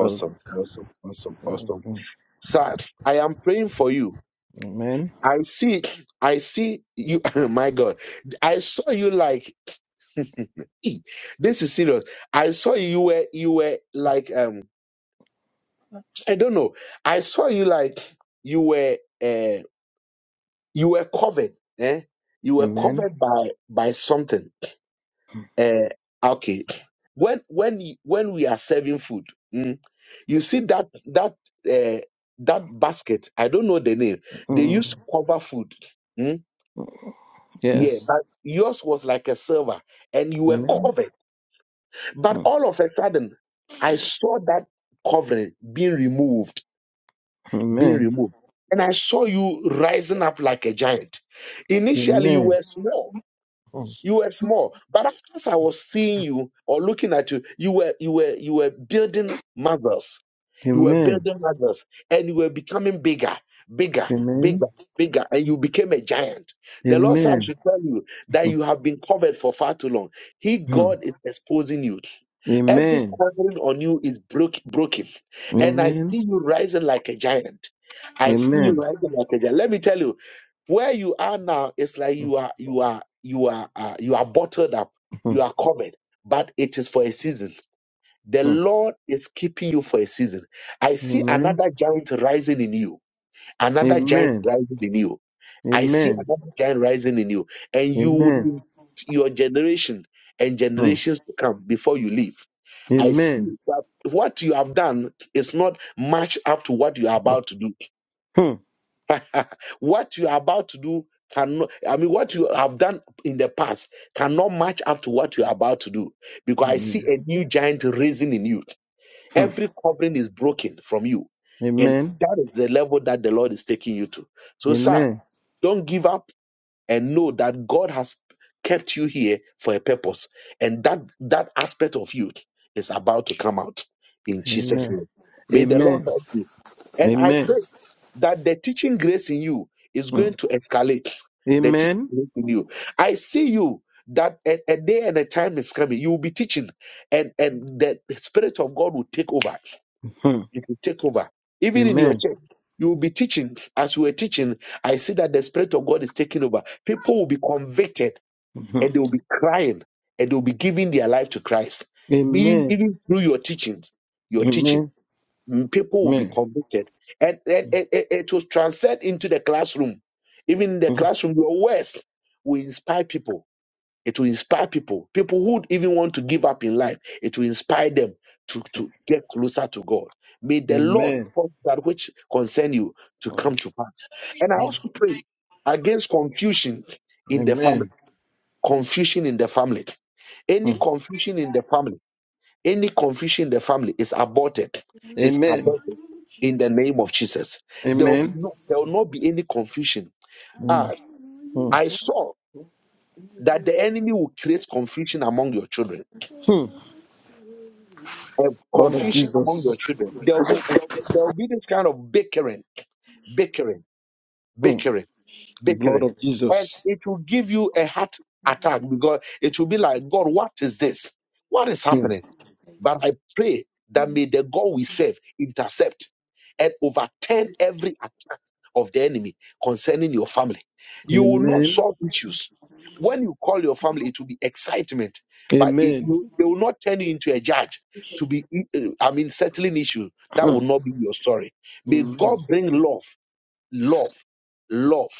Speaker 7: I'm good.
Speaker 1: awesome, awesome, awesome.
Speaker 7: Mm.
Speaker 1: Sir, I am praying for you.
Speaker 7: Amen.
Speaker 1: I see, I see you. my God, I saw you like Eh, this is serious. I saw you were you were like um I don't know. I saw you like you were. uh, you were covered. Eh? You were
Speaker 7: Amen.
Speaker 1: covered by by something. Eh, okay. When when you- when we are serving food, mm, you see that that uh, that basket. I don't know the name. They used
Speaker 7: Mm.
Speaker 1: to cover food. Mm, yeah,
Speaker 7: Yes.
Speaker 1: but yours was like a silver, and you were
Speaker 7: Amen.
Speaker 1: covered. But
Speaker 7: Mm.
Speaker 1: all of a sudden, I saw that covering being removed, being
Speaker 7: Amen.
Speaker 1: removed, and I saw you rising up like a giant. Initially, you
Speaker 7: Amen.
Speaker 1: were small
Speaker 7: Mm.
Speaker 1: You were small, but as I was seeing you or looking at you, you were you were you were building muscles. You were
Speaker 7: Amen.
Speaker 1: building muscles, and you were becoming bigger, bigger,
Speaker 7: Amen.
Speaker 1: bigger, bigger, and you became a giant. The Lord said, "I
Speaker 7: Amen.
Speaker 1: should tell you that
Speaker 7: Mm.
Speaker 1: you have been covered for far too long. He
Speaker 7: mm,
Speaker 1: God is exposing you. Every
Speaker 7: Amen.
Speaker 1: covering on you is broke, broken, and I
Speaker 7: Amen.
Speaker 1: see you rising like a giant. I see you
Speaker 7: Amen.
Speaker 1: rising like a giant. Let me tell you." Where you are now, it's like
Speaker 7: Mm.
Speaker 1: you are you are you are uh, you are bottled up, you are covered, but it is for a season. The
Speaker 7: Mm.
Speaker 1: Lord is keeping you for a season. I see
Speaker 7: Amen.
Speaker 1: another giant rising in you, another giant rising in you. I see
Speaker 7: Amen.
Speaker 1: another giant rising in you, and you would
Speaker 7: Amen. Amen.
Speaker 1: impact your generation and
Speaker 7: Mm.
Speaker 1: generations to come before you leave. I
Speaker 7: Amen.
Speaker 1: see that what you have done is not matched up to what you are about to do.
Speaker 7: Mm.
Speaker 1: what you are about to do cannot i mean what you have done in the past cannot match up to what you are about to do because i see
Speaker 7: Amen.
Speaker 1: a new giant raising in you every covering is broken from you
Speaker 7: Mm.
Speaker 1: and
Speaker 7: Amen.
Speaker 1: that is the level that the lord is taking you to so sir
Speaker 7: Amen.
Speaker 1: don't give up and know that god has kept you here for a purpose and that that aspect of you is about to come out in jesus
Speaker 7: Amen.
Speaker 1: name may the
Speaker 7: Amen.
Speaker 1: lord help you and I
Speaker 7: Amen.
Speaker 1: pray that the teaching grace in you is going
Speaker 7: Mm.
Speaker 1: to escalate. The teaching
Speaker 7: Amen.
Speaker 1: grace in you. I see you that a, a day and a time is coming. You will be teaching, and and the spirit of God will take over.
Speaker 7: Mm.
Speaker 1: It will take over. Even in your
Speaker 7: Amen.
Speaker 1: church, you will be teaching. As you were teaching, I see that the spirit of God is taking over. People will be convicted, and
Speaker 7: Mhm.
Speaker 1: they will be crying, and they will be giving their life to Christ, even
Speaker 7: Amen.
Speaker 1: even through your teachings. Your teaching.
Speaker 7: Amen.
Speaker 1: Mm, People will be
Speaker 7: Amen.
Speaker 1: convicted. And, and, and- and it will transcend into the classroom. Even in the
Speaker 7: Mm.
Speaker 1: classroom, your words will inspire people. It will inspire people. People who even want to give up in life, it will inspire them to, to get closer to God. May the Lord
Speaker 7: Amen.
Speaker 1: cause that which concern you to
Speaker 7: Mm.
Speaker 1: come to pass. And I also pray against confusion in the
Speaker 7: Amen.
Speaker 1: family. Confusion in the family. Any
Speaker 7: Mm.
Speaker 1: confusion in the family any confusion in the family is aborted, is
Speaker 7: Amen.
Speaker 1: aborted in the name of Jesus. There will be
Speaker 7: Amen.
Speaker 1: no, there will not be any confusion.
Speaker 7: Mm.
Speaker 1: Ah,
Speaker 7: Mm.
Speaker 1: I saw that the enemy will create confusion among your children.
Speaker 7: Mm.
Speaker 1: And
Speaker 7: Blood of
Speaker 1: confusion among your
Speaker 7: Jesus.
Speaker 1: children. There will be there will be this kind of bickering bickering,
Speaker 7: Mm.
Speaker 1: bickering,
Speaker 7: The blood
Speaker 1: bickering.
Speaker 7: of
Speaker 1: And
Speaker 7: Jesus.
Speaker 1: it will give you a heart attack because it will be like, God, what is this? What is
Speaker 7: Mm.
Speaker 1: happening? But I pray that may the God we serve intercept and overturn every attack of the enemy concerning your family. You will not
Speaker 7: Amen.
Speaker 1: solve issues. When you call your family, it will be excitement, but it will,
Speaker 7: Amen.
Speaker 1: they will not turn you into a judge to be, uh, I mean, settling issues. That will
Speaker 7: Mm.
Speaker 1: not be your story. May
Speaker 7: Amen.
Speaker 1: God bring love love, love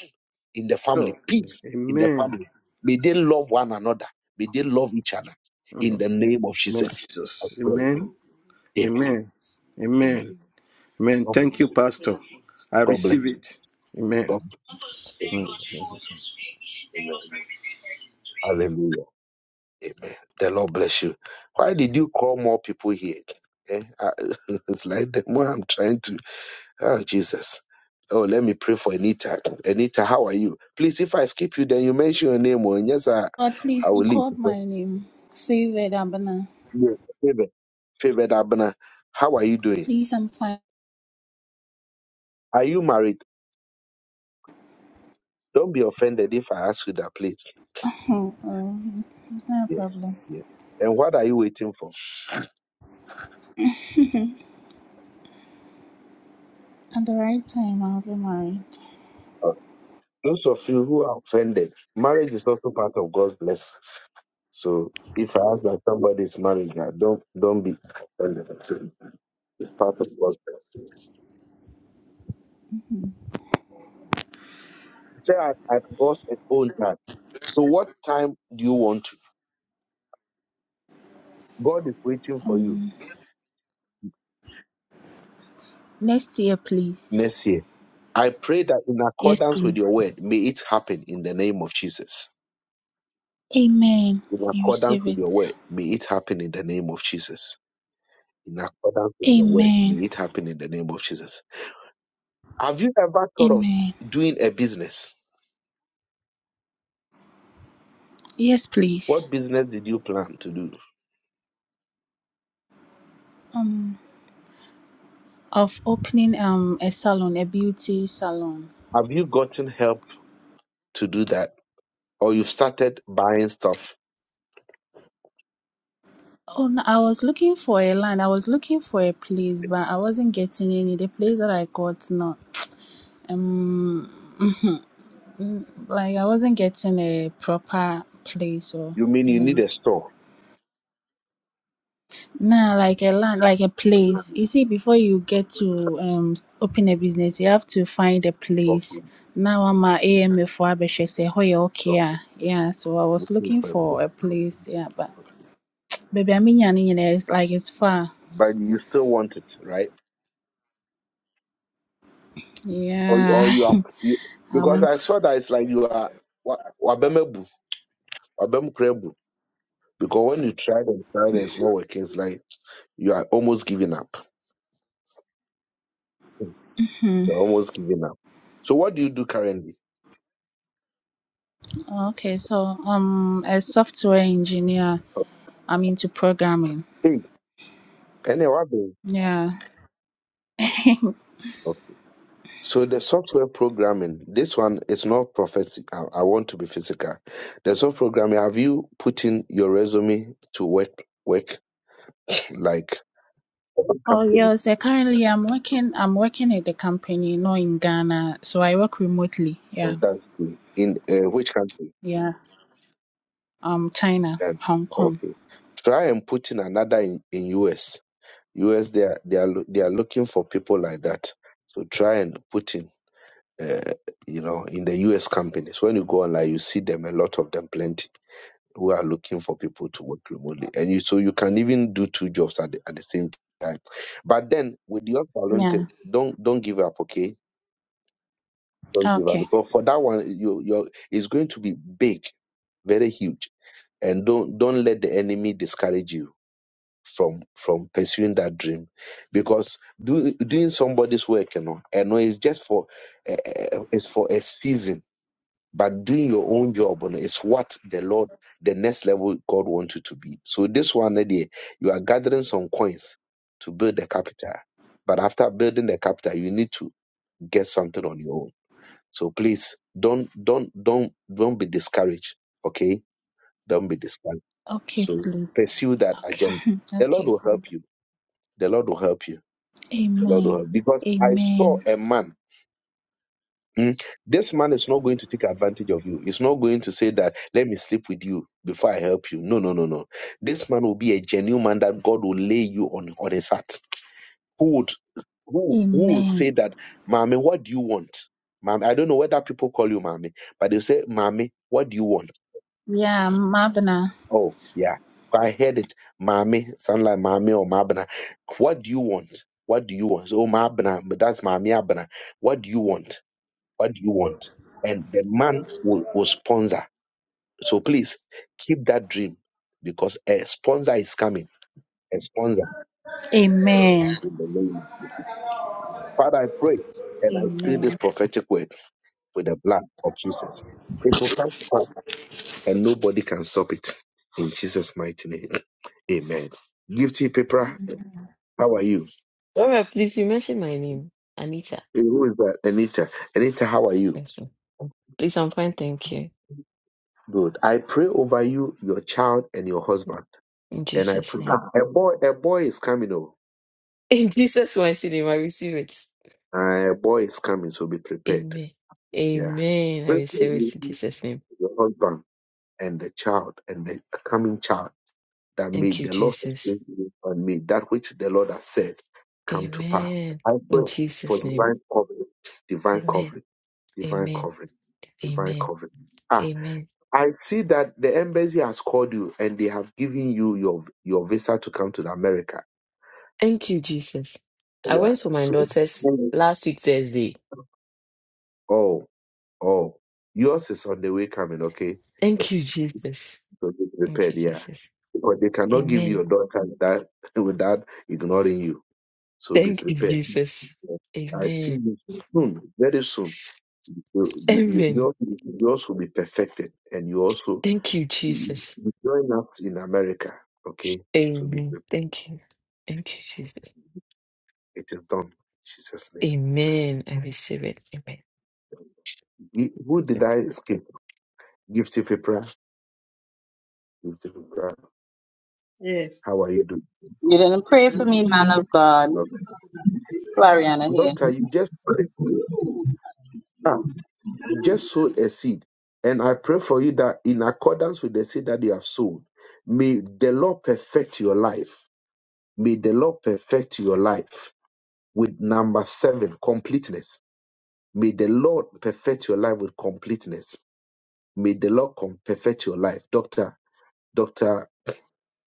Speaker 1: in the
Speaker 7: Go.
Speaker 1: family, peace in the
Speaker 7: Amen.
Speaker 1: family. May they love one another. May they love each other. In the name of
Speaker 7: Lord
Speaker 1: Jesus, I
Speaker 7: Jesus.
Speaker 1: pray.
Speaker 7: Amen.
Speaker 1: Amen.
Speaker 7: Amen.
Speaker 1: Amen.
Speaker 7: Amen. Amen.
Speaker 1: God
Speaker 7: Thank you,
Speaker 1: bless you.
Speaker 7: Pastor. I
Speaker 1: God bless
Speaker 7: receive
Speaker 1: you.
Speaker 7: it. Amen.
Speaker 1: God bless
Speaker 7: Mm.
Speaker 1: you. Amen. Amen. Hallelujah. Amen. The Lord bless you. Why did you call more people here? Eh? I- it's like the more I'm trying to. Oh Jesus. Oh, let me pray for Anita. Anita, how are you? Please, if I skip you, then you mention your name. oh, And yes, I,
Speaker 6: God,
Speaker 1: I
Speaker 6: please, you
Speaker 1: will leave.
Speaker 6: called my name. Favored Abana.
Speaker 1: Yes. Favor, favor Abner. How are you doing?
Speaker 6: Please, I'm fine.
Speaker 1: Are you married? Don't be offended if I ask you that, please.
Speaker 6: Oh, oh, it's, it's not a
Speaker 1: Yes,
Speaker 6: problem.
Speaker 1: yes. And what are you waiting for?
Speaker 6: At the right time, I'll be married.
Speaker 1: Uh, Those of you who are offended, marriage is also part of God's blessings. So if I ask that somebody is married, now, don't don't be offended. too. It's part of God's blessings. Say at, at God's own time. So what time do you want to? God is waiting for you
Speaker 6: Um, next year, please.
Speaker 1: next year. I pray that in
Speaker 6: Yes,
Speaker 1: accordance with
Speaker 6: please.
Speaker 1: your word, may it happen in the name of Jesus.
Speaker 6: Amen.
Speaker 1: In
Speaker 6: You
Speaker 1: accordance
Speaker 6: receive
Speaker 1: with your
Speaker 6: it.
Speaker 1: word, may it happen in the name of Jesus. In accordance with your word, may
Speaker 6: Amen.
Speaker 1: it happen in the name of Jesus. Have you ever thought of
Speaker 6: Amen.
Speaker 1: doing a business?
Speaker 6: Yes, please.
Speaker 1: What business did you plan to do?
Speaker 6: Um, of opening um a salon, a beauty salon.
Speaker 1: Have you gotten help to do that? Or you've started buying stuff
Speaker 6: Oh, no, I was looking for a land. I was looking for a place,
Speaker 1: It's
Speaker 6: but I wasn't getting any. The place that I got, no. Um, like I wasn't getting a proper place or
Speaker 1: You mean you need
Speaker 6: yeah.
Speaker 1: a store?
Speaker 6: Nah, like a land, like a
Speaker 1: Okay,
Speaker 6: place. You see, before you get
Speaker 1: okay,
Speaker 6: to um s- open a business, you have to find a place.
Speaker 1: okay,
Speaker 6: Now I'm a AMA for Abeshe say, "Hoye okay ah."
Speaker 1: okay,
Speaker 6: yeah." So I was looking
Speaker 1: okay, okay,
Speaker 6: for a place, yeah. But
Speaker 1: okay.
Speaker 6: baby, I mean, you know, it's like it's far.
Speaker 1: But you still want it, right? Or
Speaker 6: Yeah,
Speaker 1: or you have you,
Speaker 6: I
Speaker 1: because I
Speaker 6: want.
Speaker 1: saw that it's like you are wa- wabemebu, wabemkrebu. Because when you tried and tried and it's not working, it's like You are almost giving up.
Speaker 6: Hmm.
Speaker 1: You're almost giving up. So what do you do currently?
Speaker 6: Okay, so um, a software engineer. I'm into programming.
Speaker 1: Hey, any other?
Speaker 6: Yeah.
Speaker 1: So the software programming, this one is not prophecy. I, I want to be physical. The software programming, have you put in your resume to work work like what
Speaker 6: Oh
Speaker 1: company
Speaker 6: yes, uh, currently I'm working I'm working at the company, not in Ghana. So I work remotely. Yeah.
Speaker 1: or that's good in uh, which country?
Speaker 6: Yeah. Um China,
Speaker 1: Then,
Speaker 6: Hong Kong.
Speaker 1: okay, try and put in another in, in US. US they are they are loo- they are looking for people like that. So try and put in. uh, you know, in the US companies. When you go online, you see them a lot of them, plenty who are looking for people to work remotely, and you so you can even do two jobs at the, at the same time. But then with your salon
Speaker 6: Yeah.
Speaker 1: thing, don't don't give up, okay? Don't give up
Speaker 6: Okay.
Speaker 1: because for that one, you you it's going to be big, very huge, and don't don't let the enemy discourage you from from pursuing that dream because do, doing somebody's work you know and it's just for uh, it's for a season but doing your own job on it is what the Lord, the next level God wants you to be. So this one idea, you are gathering some coins to build the capital. But after building the capital, you need to get something on your own. So please don't don't don't don't be discouraged. Okay? Don't be discouraged.
Speaker 6: Okay,
Speaker 1: So
Speaker 6: please.
Speaker 1: pursue that agenda.
Speaker 6: Okay.
Speaker 1: The Lord
Speaker 6: okay,
Speaker 1: will help
Speaker 6: please.
Speaker 1: you. The Lord will help you. The Lord will
Speaker 6: Amen.
Speaker 1: help. Because I saw
Speaker 6: Amen.
Speaker 1: a man Mm. This man is not going to take advantage of you. He's not going to say that, let me sleep with you before I help you. No, no, no, no. This man will be a genuine man that God will lay you on, on his heart. Who would who who will
Speaker 6: Amen.
Speaker 1: say that, Mommy, what do you want? Mommy, I don't know whether people call you mommy, but they say, Mommy, what do you want?
Speaker 6: Yeah, Mabna.
Speaker 1: Oh, yeah. I heard it. Mommy, sound like mommy or mabna. What do you want? What do you want? So, oh, mabna, but that's mommy abna. What do you want? What do you want? And the man will, will sponsor. So please keep that dream because a sponsor is coming. A sponsor
Speaker 6: Amen.
Speaker 1: in the name of Jesus. Father, I pray and I say
Speaker 6: Amen.
Speaker 1: this prophetic word with the blood of Jesus. It will come to pass and nobody can stop it. In Jesus' mighty name. Amen. Gifty Pepra, how are you?
Speaker 8: Laura, please, you mentioned my name. Anita.
Speaker 1: Eh, Who is that? Anita. Anita, how are you?
Speaker 8: Thanks, ma'am. Please, I'm fine. Thank you.
Speaker 1: Good. I pray over you, your child, and your husband.
Speaker 8: In
Speaker 1: And I
Speaker 8: Jesus'
Speaker 1: pray.
Speaker 8: name.
Speaker 1: Ah, A boy, a boy is coming. over.
Speaker 8: In Jesus' mighty name, I receive it.
Speaker 1: Uh, a boy is coming, so be prepared.
Speaker 8: Amen.
Speaker 1: Yeah.
Speaker 8: Amen. I
Speaker 1: Pray for
Speaker 8: receive it
Speaker 1: you,
Speaker 8: in Jesus' name.
Speaker 1: your husband, and the child, and the coming child, that may
Speaker 8: Thank you,
Speaker 1: the Lord
Speaker 8: Jesus.
Speaker 1: sustain you and may that which the Lord has said come to pass.
Speaker 8: Amen.
Speaker 1: I pray
Speaker 8: In
Speaker 1: for
Speaker 8: Jesus' name.
Speaker 1: divine covering, divine
Speaker 8: Amen.
Speaker 1: covering, divine
Speaker 8: Amen.
Speaker 1: covering, divine
Speaker 8: Amen.
Speaker 1: covering. Ah,
Speaker 8: Amen.
Speaker 1: I see that the embassy has called you and they have given you your your visa to come to America.
Speaker 8: Thank you, Jesus. I
Speaker 1: Yeah.
Speaker 8: went for my
Speaker 1: So,
Speaker 8: daughter's last week, Thursday.
Speaker 1: oh, oh, yours is on the way coming. Okay.
Speaker 8: Thank you, Jesus.
Speaker 1: So be
Speaker 8: Thank you,
Speaker 1: prepared, yeah.
Speaker 8: Jesus.
Speaker 1: Because they cannot give you
Speaker 8: Amen.
Speaker 1: your daughter that without ignoring you. So be
Speaker 8: Thank you,
Speaker 1: prepared.
Speaker 8: Jesus.
Speaker 1: I see
Speaker 8: Amen.
Speaker 1: you soon, very soon. You, you,
Speaker 8: Amen.
Speaker 1: you- yours will be perfected, and you also
Speaker 8: Thank you,
Speaker 1: you
Speaker 8: Jesus.
Speaker 1: you join us in America. Okay, so be
Speaker 8: Amen.
Speaker 1: prepared.
Speaker 8: Thank you. Thank you, Jesus.
Speaker 1: It is done. In Jesus' name.
Speaker 8: Amen. I receive it.
Speaker 1: Ye- Who did
Speaker 8: Amen.
Speaker 1: I skip? Gifty Pipra. Gifty Pipra.
Speaker 9: Yeah.
Speaker 1: How are you doing?
Speaker 10: You didn't pray for me, man of God. Floriana here.
Speaker 1: Doctor, you just prayed. just sowed a seed. And I pray for you that in accordance with the seed that you have sown, may the Lord perfect your life. May the Lord perfect your life with number seven, completeness. May the Lord perfect your life with completeness. May the Lord com- perfect your life. Doctor, Doctor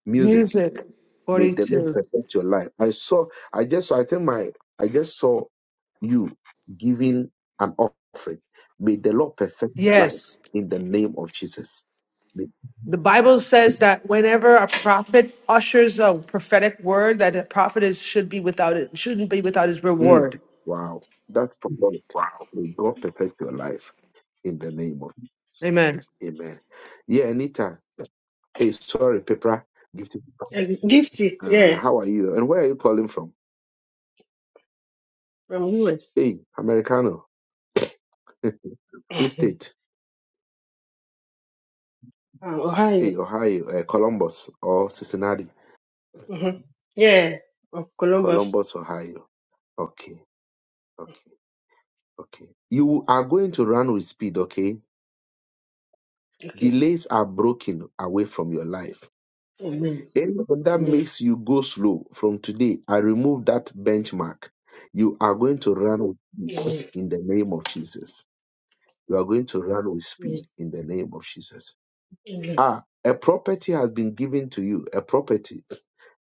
Speaker 1: Music,
Speaker 2: Music
Speaker 1: May the Lord
Speaker 2: 42.
Speaker 1: perfect your life. I saw, I just, I think my, I just saw you giving an offering. May the Lord perfect your life
Speaker 2: Yes.
Speaker 1: in the name of Jesus. May-
Speaker 2: The Bible says that whenever a prophet ushers a prophetic word, that a prophet is, should be without it, shouldn't be without his
Speaker 1: Mm,
Speaker 2: reward.
Speaker 1: wow, that's prophetic. May God perfect your life in the name of Jesus.
Speaker 2: Amen.
Speaker 1: Amen. Yeah, Anita. Hey, sorry, Pepra. Gift.
Speaker 9: Uh, Gifty.
Speaker 1: Uh,
Speaker 9: Yeah.
Speaker 1: how are you? And where are you calling from?
Speaker 9: From US.
Speaker 1: Hey, Americano. Which state?
Speaker 9: Um, Ohio.
Speaker 1: Hey, Ohio, uh, Columbus or Cincinnati?
Speaker 9: Mm-hmm. Yeah. Of Columbus.
Speaker 1: Columbus, Ohio. Okay, okay, okay. You are going to run with speed, okay?
Speaker 9: Okay.
Speaker 1: Delays are broken away from your life.
Speaker 9: Amen.
Speaker 1: Anyone that
Speaker 9: Amen.
Speaker 1: makes you go slow from today, I remove that benchmark. You are going to run with-
Speaker 9: Amen.
Speaker 1: in the name of Jesus. You are going to run with
Speaker 9: Amen.
Speaker 1: speed in the name of Jesus.
Speaker 9: Amen.
Speaker 1: Ah, a property has been given to you. A property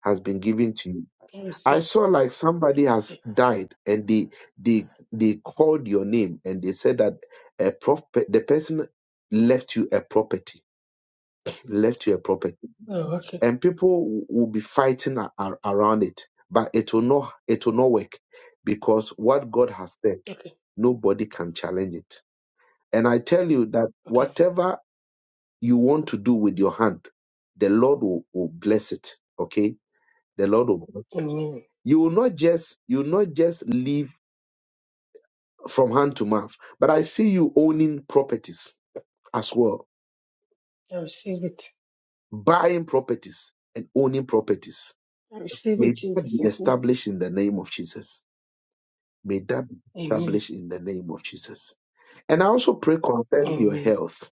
Speaker 1: has been given to you
Speaker 9: I receive.
Speaker 1: I saw like somebody has
Speaker 9: Okay.
Speaker 1: died and they they they called your name and they said that a prop the person left you a property left you a property
Speaker 9: Oh, okay.
Speaker 1: and people will be fighting a- a- around it but it will not it will not work because what God has said
Speaker 9: Okay.
Speaker 1: nobody can challenge it and I tell you that
Speaker 9: Okay.
Speaker 1: whatever you want to do with your hand the Lord will, will bless it okay the Lord will bless it
Speaker 9: Amen.
Speaker 1: you will not just you will not just leave from hand to mouth. But I see you owning properties as well,
Speaker 9: I receive it.
Speaker 1: buying properties and owning properties.
Speaker 9: I receive
Speaker 1: May
Speaker 9: it in
Speaker 1: that be
Speaker 9: Jesus' name.
Speaker 1: established in the name of Jesus. May that be
Speaker 9: Amen.
Speaker 1: established in the name of Jesus. And I also pray concerning your
Speaker 9: Amen.
Speaker 1: health.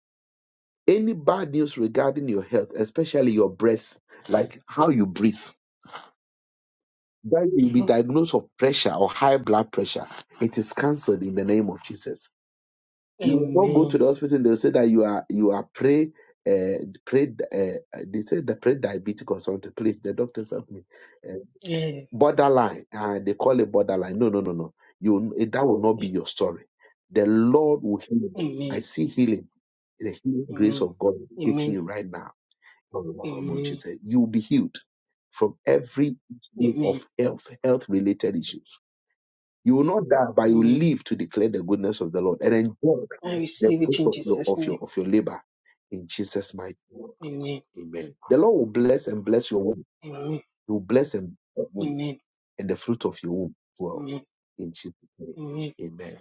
Speaker 1: Any bad news regarding your health, especially your breath, like how you breathe, that you be
Speaker 9: Mm-hmm.
Speaker 1: diagnosed of pressure or high blood pressure, it is cancelled in the name of Jesus. You will not go to
Speaker 9: Amen.
Speaker 1: the hospital. They'll say that you are you are pre uh, pre uh, they say the pre diabetic or something. Please, the doctors help me. Uh,
Speaker 9: Yeah.
Speaker 1: borderline, uh, they call it borderline. No, no, no, no. You eh, that will not be
Speaker 9: yeah.
Speaker 1: your story. The Lord will heal you. I
Speaker 9: Amen.
Speaker 1: see healing, the healing grace
Speaker 9: Amen.
Speaker 1: of God hitting
Speaker 9: Amen.
Speaker 1: you right now. From the
Speaker 9: Amen.
Speaker 1: You will be healed from every issue of
Speaker 9: Amen.
Speaker 1: health, health related issues you will not die, but you will
Speaker 9: Amen.
Speaker 1: live to declare the goodness of the Lord and enjoy
Speaker 9: I
Speaker 1: the
Speaker 9: receive it
Speaker 1: fruit
Speaker 9: in
Speaker 1: of your
Speaker 9: Jesus'
Speaker 1: of
Speaker 9: name.
Speaker 1: your of your labor in Jesus' mighty name.
Speaker 9: Amen.
Speaker 1: Amen. The Lord will bless and bless your womb.
Speaker 9: Amen.
Speaker 1: He will bless and your womb
Speaker 9: Amen.
Speaker 1: and the fruit of your womb as well.
Speaker 9: Amen.
Speaker 1: In Jesus' name.
Speaker 9: Amen.
Speaker 1: Amen.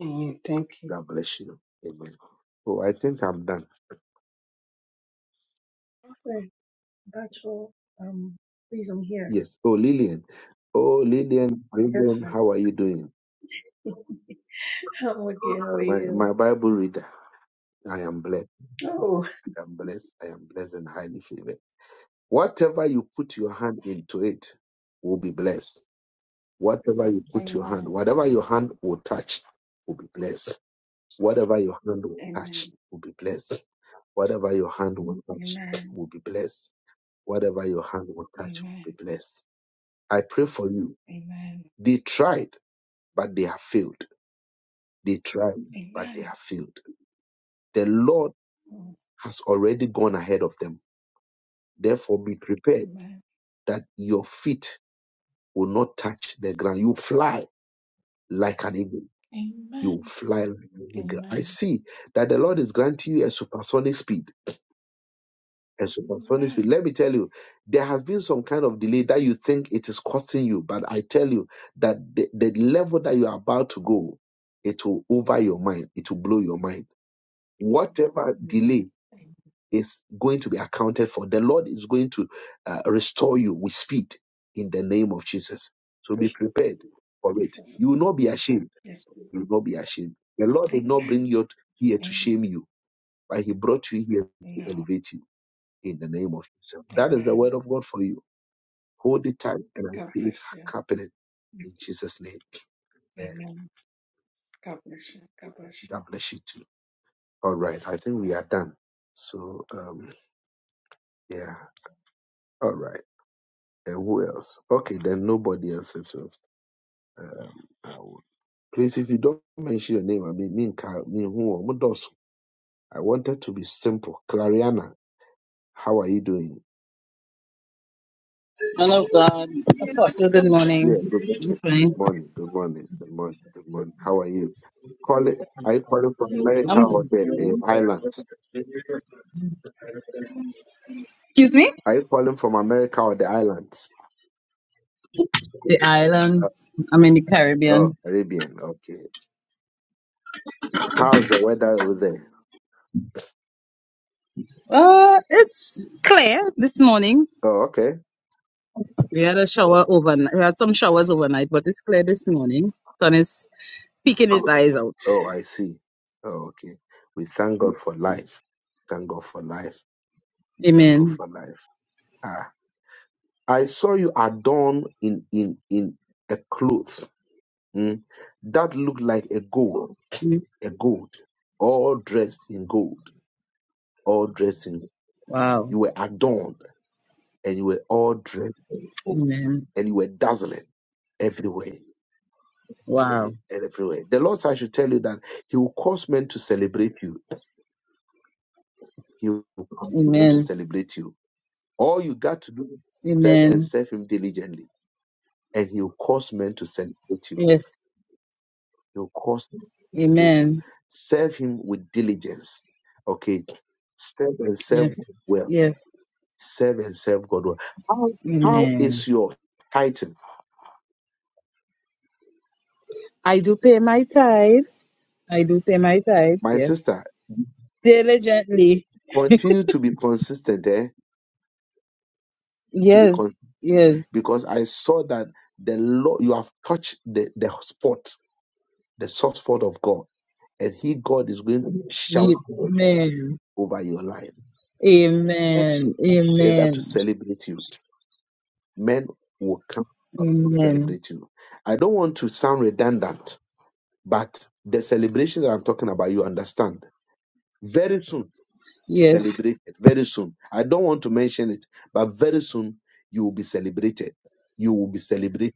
Speaker 9: Amen. Thank you.
Speaker 1: God bless you. Amen. Oh, I think I'm done.
Speaker 11: Arthur, Rachel, um, please, I'm here.
Speaker 1: Yes. Oh, Lillian. Oh, Lillian,
Speaker 11: Yes,
Speaker 1: Lillian,
Speaker 11: sir.
Speaker 1: how are you doing?
Speaker 11: I'm okay. How are
Speaker 1: My
Speaker 11: you?
Speaker 1: my Bible reader. I am blessed.
Speaker 11: Oh,
Speaker 1: I am blessed. I am blessed and highly favored. Whatever you put your hand into it will be blessed. Whatever you put your hand,
Speaker 11: amen.
Speaker 1: whatever your hand will touch will be blessed. Whatever your hand will touch
Speaker 11: Amen.
Speaker 1: will be blessed. Whatever your hand will touch
Speaker 11: Amen.
Speaker 1: will be blessed. Whatever your hand will touch will
Speaker 11: Amen.
Speaker 1: be blessed. I pray for you.
Speaker 11: Amen.
Speaker 1: They tried, but they have failed. They tried, but they
Speaker 11: Amen.
Speaker 1: have failed. The Lord
Speaker 11: Mm,
Speaker 1: has already gone ahead of them. Therefore, be prepared
Speaker 11: Amen.
Speaker 1: that your feet will not touch the ground. You fly like an eagle you
Speaker 11: Amen.
Speaker 1: fly like an eagle. I
Speaker 11: Amen.
Speaker 1: see that the Lord is granting you a supersonic speed. A supersonic speed.
Speaker 11: Amen.
Speaker 1: Let me tell you, there has been some kind of delay that you think it is costing you, but I tell you that the, the level that you are about to go, it will over your mind, it will blow your mind. Whatever
Speaker 11: Amen.
Speaker 1: delay
Speaker 11: Amen.
Speaker 1: is going to be accounted for, the Lord is going to uh, restore you with speed in the name of Jesus. So be prepared
Speaker 11: Jesus.
Speaker 1: for it.
Speaker 11: Jesus.
Speaker 1: You will not be ashamed
Speaker 11: Yes, please.
Speaker 1: you will not be
Speaker 11: Yes.
Speaker 1: ashamed. The Lord did not bring
Speaker 11: Amen.
Speaker 1: you here to
Speaker 11: Amen.
Speaker 1: shame you, but He brought you here to
Speaker 11: No.
Speaker 1: elevate you in the name of Himself. That is the
Speaker 11: Amen.
Speaker 1: word of God for you. Hold it tight and I
Speaker 11: God
Speaker 1: see it
Speaker 11: bless you.
Speaker 1: happening in
Speaker 11: Yes.
Speaker 1: Jesus' name. Amen.
Speaker 11: Amen. God bless you. God bless you.
Speaker 1: God bless you too. All right. I think we are done. So, um, yeah. All right. And who else? Okay, then nobody else. is Uh, I will- please, if you don't mention your name, I mean, me, and Ka- me, and who, Omodosu. I wanted to be simple. Clariana, how are you doing?
Speaker 10: Man of God. Apostle, good
Speaker 1: Yeah,
Speaker 10: morning.
Speaker 1: good
Speaker 10: I'm
Speaker 1: morning.
Speaker 10: fine.
Speaker 1: Good morning. Good morning. Good morning. Good morning. How are you? Call it, are you calling from America or
Speaker 10: I'm,
Speaker 1: the uh, islands?
Speaker 10: excuse me?
Speaker 1: Are you calling from America or the islands?
Speaker 10: The islands. I'm in the
Speaker 1: Oh,
Speaker 10: Caribbean.
Speaker 1: Caribbean. Okay. How's the weather over there?
Speaker 10: Uh, it's clear this morning.
Speaker 1: Oh, okay.
Speaker 10: We had a shower overnight. We had some showers overnight, but it's clear this morning. Sun is peeking his eyes out.
Speaker 1: Oh, I see. Oh, okay. We thank God for life. Thank God for life. Thank God
Speaker 10: Amen.
Speaker 1: for life. Ah, I saw you adorned in in in a cloth mm, that looked like a gold. a gold, all dressed in gold, all dressed in
Speaker 10: Wow.
Speaker 1: you were adorned and you were all dressed in gold
Speaker 10: Amen.
Speaker 1: and you were dazzling everywhere.
Speaker 10: Wow.
Speaker 1: dazzling Everywhere. The Lord said, I should tell you that He will cause men to celebrate you. He will cause men to
Speaker 10: Amen.
Speaker 1: celebrate you. All you got to do is serve and
Speaker 10: Amen.
Speaker 1: serve Him diligently, and He will cause men to celebrate you.
Speaker 10: Yes.
Speaker 1: He will cause men to celebrate you.
Speaker 10: Amen.
Speaker 1: Serve Him with diligence. Okay. Serve and serve
Speaker 10: Yes.
Speaker 1: well
Speaker 10: Yes.
Speaker 1: Serve and serve God. well. How, how
Speaker 10: Amen.
Speaker 1: is your title?
Speaker 10: I do pay my tithes. I do pay my tithes.
Speaker 1: My
Speaker 10: yes.
Speaker 1: sister,
Speaker 10: Diligently.
Speaker 1: continue to be consistent there. to be
Speaker 10: Yes,
Speaker 1: con-
Speaker 10: yes.
Speaker 1: because I saw that the Lord you have touched the, the spot, the soft spot of God, and He God is going to shout blessings
Speaker 10: Amen.
Speaker 1: over your life. And
Speaker 10: Amen.
Speaker 1: they're there to
Speaker 10: Amen.
Speaker 1: celebrate you. Men will come to
Speaker 10: Amen.
Speaker 1: celebrate you. I don't want to sound redundant, but the celebration that I'm talking about, you understand. Very soon
Speaker 10: Yes.
Speaker 1: celebrated very soon. I don't want to mention it, but very soon you will be celebrated. You will be celebrated.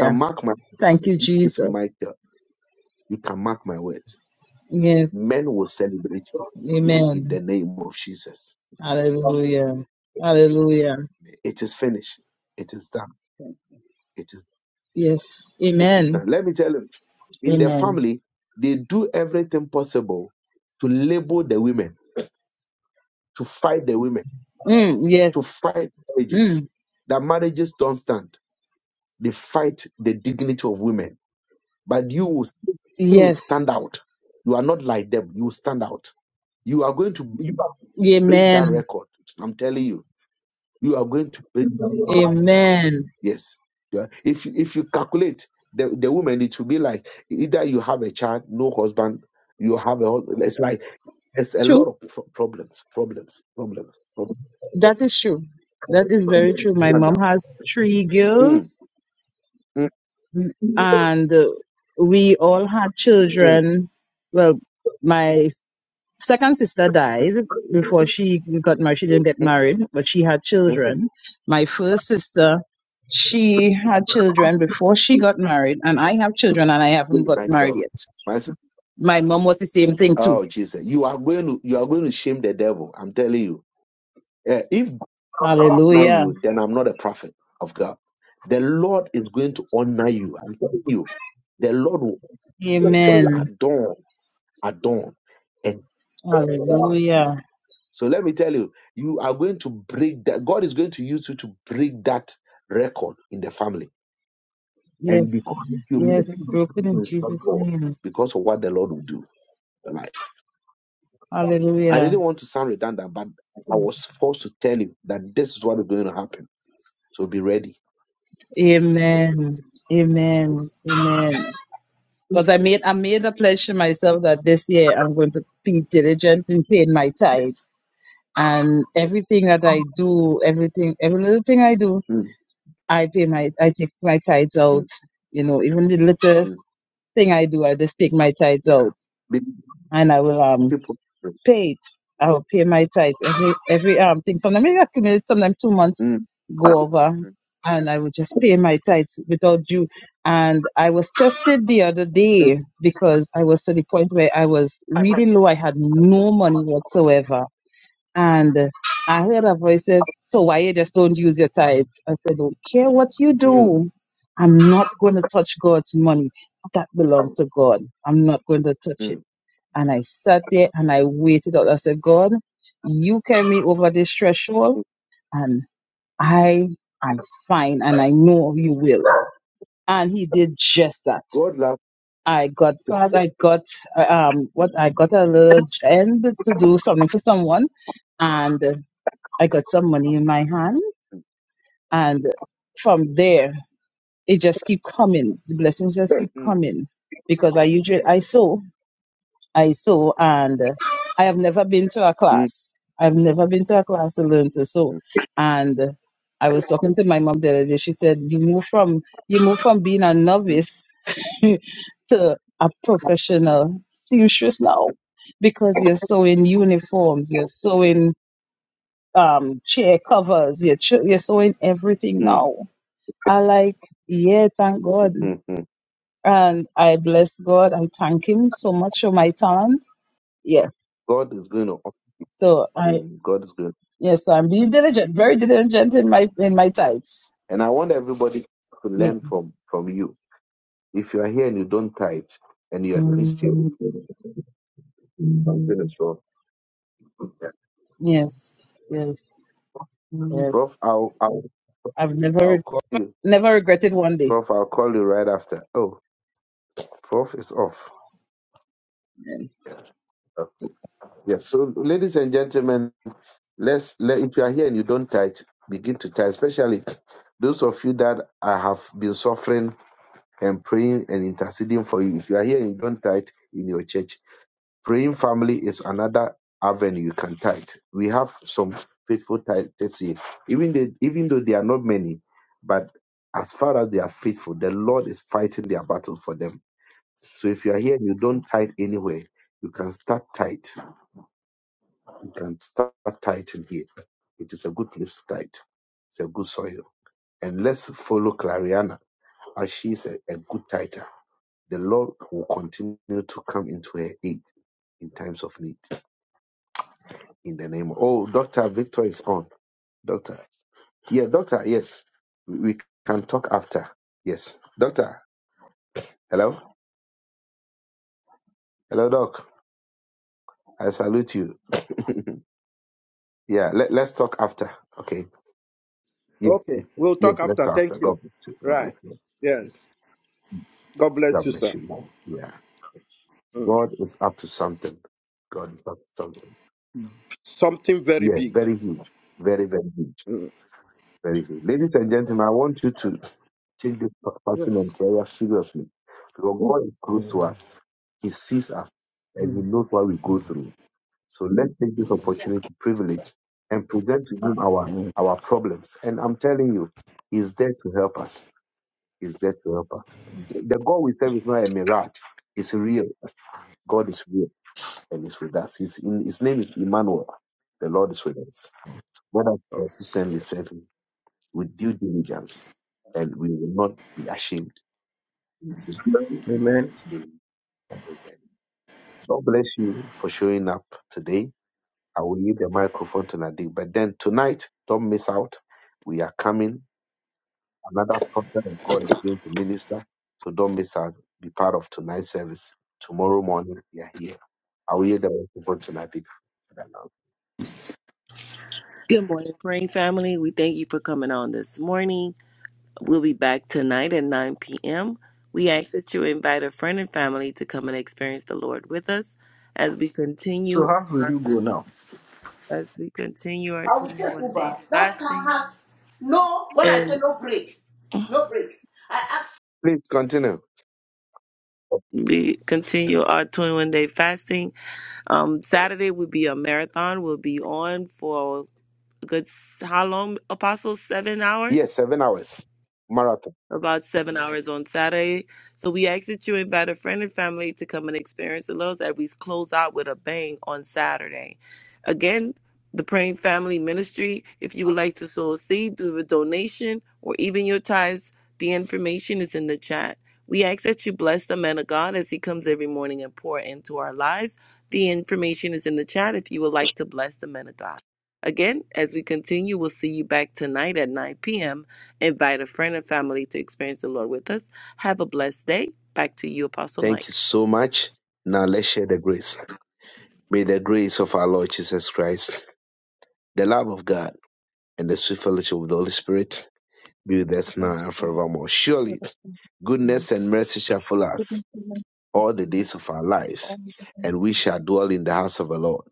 Speaker 1: You can mark my
Speaker 10: Thank you,
Speaker 1: this
Speaker 10: Jesus.
Speaker 1: Michael. You can mark my words.
Speaker 10: Yes.
Speaker 1: Men will celebrate you in
Speaker 10: Amen.
Speaker 1: the name of Jesus.
Speaker 10: Hallelujah. Hallelujah.
Speaker 1: It is finished. It is done. It is
Speaker 10: Yes.
Speaker 1: it is
Speaker 10: Amen.
Speaker 1: done. Let me tell you, in their
Speaker 10: Amen.
Speaker 1: family, they do everything possible to label the women, to fight the women,
Speaker 10: Mm, yes.
Speaker 1: to fight marriages.
Speaker 10: Mm,
Speaker 1: That marriages don't stand. They fight the dignity of women but you will still you will
Speaker 10: yes.
Speaker 1: stand out. You are not like them. You will stand out. You are going to you are break that
Speaker 10: Amen.
Speaker 1: record. I'm telling you, you are going to break. That record.
Speaker 10: Amen.
Speaker 1: Yes. You are- If you, if you calculate the the woman, it will be like either you have a child, no husband, you have a husband. It's like it's a lot of pro- problems, problems, problems, problems.
Speaker 10: That is true. That is very true. My
Speaker 1: Stand
Speaker 10: mom
Speaker 1: out.
Speaker 10: has three
Speaker 1: Mm,
Speaker 10: girls,
Speaker 1: mm,
Speaker 10: and uh, we all had
Speaker 1: mm,
Speaker 10: children. Well, my second sister died before she got married. She didn't get married, but she had
Speaker 1: mm.
Speaker 10: children. My first sister, she had children before she got married, and I have children, and I haven't got
Speaker 1: My
Speaker 10: married
Speaker 1: God,
Speaker 10: yet.
Speaker 1: my sister.
Speaker 10: My mom was the same thing too.
Speaker 1: Oh Jesus, you are going to you are going to shame the devil. I'm telling you. Eh, if honor
Speaker 10: Hallelujah.
Speaker 1: you, then I'm not a prophet of God. The Lord is going to honor you. I'm telling you, the Lord will bless you
Speaker 10: Amen.
Speaker 1: at dawn, at dawn, and honor you.
Speaker 10: Hallelujah.
Speaker 1: So let me tell you, you are going to break that. God is going to use you to break that record in the family.
Speaker 10: Yes.
Speaker 1: And because you make
Speaker 10: Yes, broken in
Speaker 1: it serve
Speaker 10: Jesus'
Speaker 1: God,
Speaker 10: name.
Speaker 1: because of what the Lord will do in your life. I
Speaker 10: Hallelujah.
Speaker 1: didn't want to sound redundant, but I was forced to tell you that this is what is going to happen. So be ready.
Speaker 10: Amen. Amen. Amen. Because I made I made a pledge to myself that this year I'm going to be diligent in paying my
Speaker 1: Yes.
Speaker 10: tithes. And everything that I do, everything every little thing I do,
Speaker 1: Mm,
Speaker 10: I pay my I take my tithes
Speaker 1: mm,
Speaker 10: out. You know, even the
Speaker 1: mm.
Speaker 10: littlest thing I do, I just take my tithes
Speaker 1: Yeah.
Speaker 10: out.
Speaker 1: Be
Speaker 10: And I will um
Speaker 1: people.
Speaker 10: pay it. I will pay my tithe every every um thing. Sometimes maybe I accumulate sometimes two months
Speaker 1: Mm. Mm.
Speaker 10: go over and I would just pay my tithes without due. And I was tested the other
Speaker 1: Mm.
Speaker 10: day because I was to the point where I was really low. I had no money whatsoever. And uh, I heard a voice say, So why you just don't use your tithes? I said, Don't care what you
Speaker 1: Mm.
Speaker 10: do. I'm not going to touch God's money. That belongs
Speaker 1: Mm.
Speaker 10: to God. I'm not going to touch it
Speaker 1: Mm.
Speaker 10: and I sat there and I waited out. I said, God, you carry me over this threshold and I am fine and I know you will. And he did just that.
Speaker 1: God loves.
Speaker 10: I got past, I got uh, um what I got a little end to do something for someone and uh, I got some money in my hand and from there it just keep coming. The blessings just
Speaker 1: them.
Speaker 10: keep
Speaker 1: Mm.
Speaker 10: coming because I usually I sow I sew, and uh, I have never been to a
Speaker 1: Mm.
Speaker 10: class. I've never been to a class to learn to sew.
Speaker 1: Mm.
Speaker 10: And uh, I was talking to my mom the other day. She said, "You move from you move from being a novice to a professional seamstress now, because you're sewing uniforms, you're sewing um, chair covers, you're ch- you're sewing everything
Speaker 1: Mm.
Speaker 10: now." I like, yeah, thank
Speaker 1: Mm.
Speaker 10: God,
Speaker 1: Mm. Mm.
Speaker 10: and I bless God. I thank Him so much for my talent. Yeah
Speaker 1: God is going to.
Speaker 10: So I
Speaker 1: Mm. God is going.
Speaker 10: yes, so I'm being diligent, very diligent in my in my tithes.
Speaker 1: And I want everybody to
Speaker 10: Ye-
Speaker 1: learn from from you. If you are here and you don't tithe and you are a Christian, something is wrong. Yeah.
Speaker 10: Yes, yes,
Speaker 1: Prof,
Speaker 10: yes.
Speaker 1: I'll I'll
Speaker 10: I've
Speaker 1: I'll
Speaker 10: never
Speaker 1: call you.
Speaker 10: never regretted one day.
Speaker 1: Prof, I'll call you right after. Oh, Prof is off. Okay. Yeah. So, ladies and gentlemen. Let's let if you are here and you don't tithe, begin to tithe, especially those of you that I have been suffering and praying and interceding for you. If you are here and you don't tithe in your church, praying family is another avenue you can tithe. We have some faithful tithers here, even they, even though they are not many, but as far as they are faithful, the Lord is fighting their battles for them. So if you are here and you don't tithe anywhere, you can start tithe. You can start tithing here. It is a good place to tithe. It's a good soil. And let's follow Clariana as she is a, a good tither. The Lord will continue to come into her aid in times of need. In the name of Oh, Dr. Victor is on. Doctor. Yeah, doctor, yes. We we can talk after. Yes. Doctor, hello? Hello, doc. I salute you. Yeah, let, let's talk after. Okay. Yes, yes,
Speaker 7: Okay, we'll
Speaker 1: yes,
Speaker 7: talk
Speaker 1: let's
Speaker 7: after.
Speaker 1: talk
Speaker 7: Thank
Speaker 1: after.
Speaker 7: you.
Speaker 1: God bless you. God
Speaker 7: Right.
Speaker 1: bless you.
Speaker 7: Yes.
Speaker 1: Yes.
Speaker 7: God bless
Speaker 1: God
Speaker 7: you, sir.
Speaker 1: bless you. Yeah.
Speaker 7: Mm.
Speaker 1: God is up to something. God is up to something.
Speaker 7: Something very
Speaker 1: Yeah,
Speaker 7: big.
Speaker 1: very huge. Very, very huge.
Speaker 7: Mm.
Speaker 1: Very huge. Ladies and gentlemen, I want you to take this per-
Speaker 7: Yes.
Speaker 1: pertinence very seriously because God is close to us. He sees us and He
Speaker 7: Mm.
Speaker 1: knows what we go through. So let's take this opportunity, privilege, and present to Him our, our problems. And I'm telling you, He's there to help us. He's there to help us. The, the God we serve is not a mirage, it's real. God is real. and is with us. His, in, his name is Emmanuel. The Lord is with us. Let us consistently serve him with due diligence, and we will not be ashamed. In Jesus' name,
Speaker 7: Amen.
Speaker 1: Amen. God bless you for showing up today. I will leave the microphone to Nadine. But then tonight, don't miss out. We are coming. Another prophet of God is going to minister. So don't miss out. Be part of tonight's service. Tomorrow morning, we are here. I will leave the microphone to Nadine.
Speaker 12: Good morning, praying family. We thank you for coming on this morning. We'll be back tonight at 9 p.m. We ask that you invite a friend and family to come and experience the Lord with us as we
Speaker 7: So
Speaker 12: continue
Speaker 7: how will you go now?
Speaker 12: as we continue our
Speaker 7: I will take
Speaker 12: 21
Speaker 7: Uber.
Speaker 12: days
Speaker 7: That car
Speaker 12: fasting
Speaker 7: has no, when I say
Speaker 12: and
Speaker 7: no break, no break. I asked
Speaker 1: Please continue.
Speaker 12: we continue our 21 day fasting. Um, Saturday will be a marathon. We'll be on for a good how long? Apostle seven hours.
Speaker 1: Yes, seven hours. Marathon.
Speaker 12: about seven hours on Saturday. So we ask that you invite a friend and family to come and experience the Lord's as we close out with a bang on Saturday. Again, the Praying Family Ministry, if you would like to sow a seed, do a donation, or even your tithes, the information is in the chat. We ask that you bless the man of God as he comes every morning and pour into our lives. The information is in the chat if you would like to bless the man of God. Again, as we continue, we'll see you back tonight at 9 p.m. Invite a friend and family to experience the Lord with us. Have a blessed day. Back to you, Apostle Mike.
Speaker 1: Thank you so much. Now let's share the grace. May the grace of our Lord Jesus Christ, the love of God, and the sweet fellowship of the Holy Spirit be with
Speaker 13: that
Speaker 1: us
Speaker 13: we
Speaker 1: now
Speaker 13: can
Speaker 1: and
Speaker 13: see
Speaker 1: forevermore. Surely, goodness and mercy shall follow us
Speaker 13: like we
Speaker 1: all the
Speaker 13: can have
Speaker 1: days of our lives,
Speaker 13: all
Speaker 1: and we
Speaker 13: the
Speaker 1: shall dwell in the house of the Lord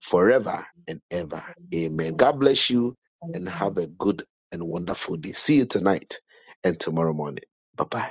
Speaker 1: forever and ever. Amen. God bless you and have a
Speaker 13: Hallelujah.
Speaker 1: good and wonderful day. See you tonight and tomorrow morning. Bye bye.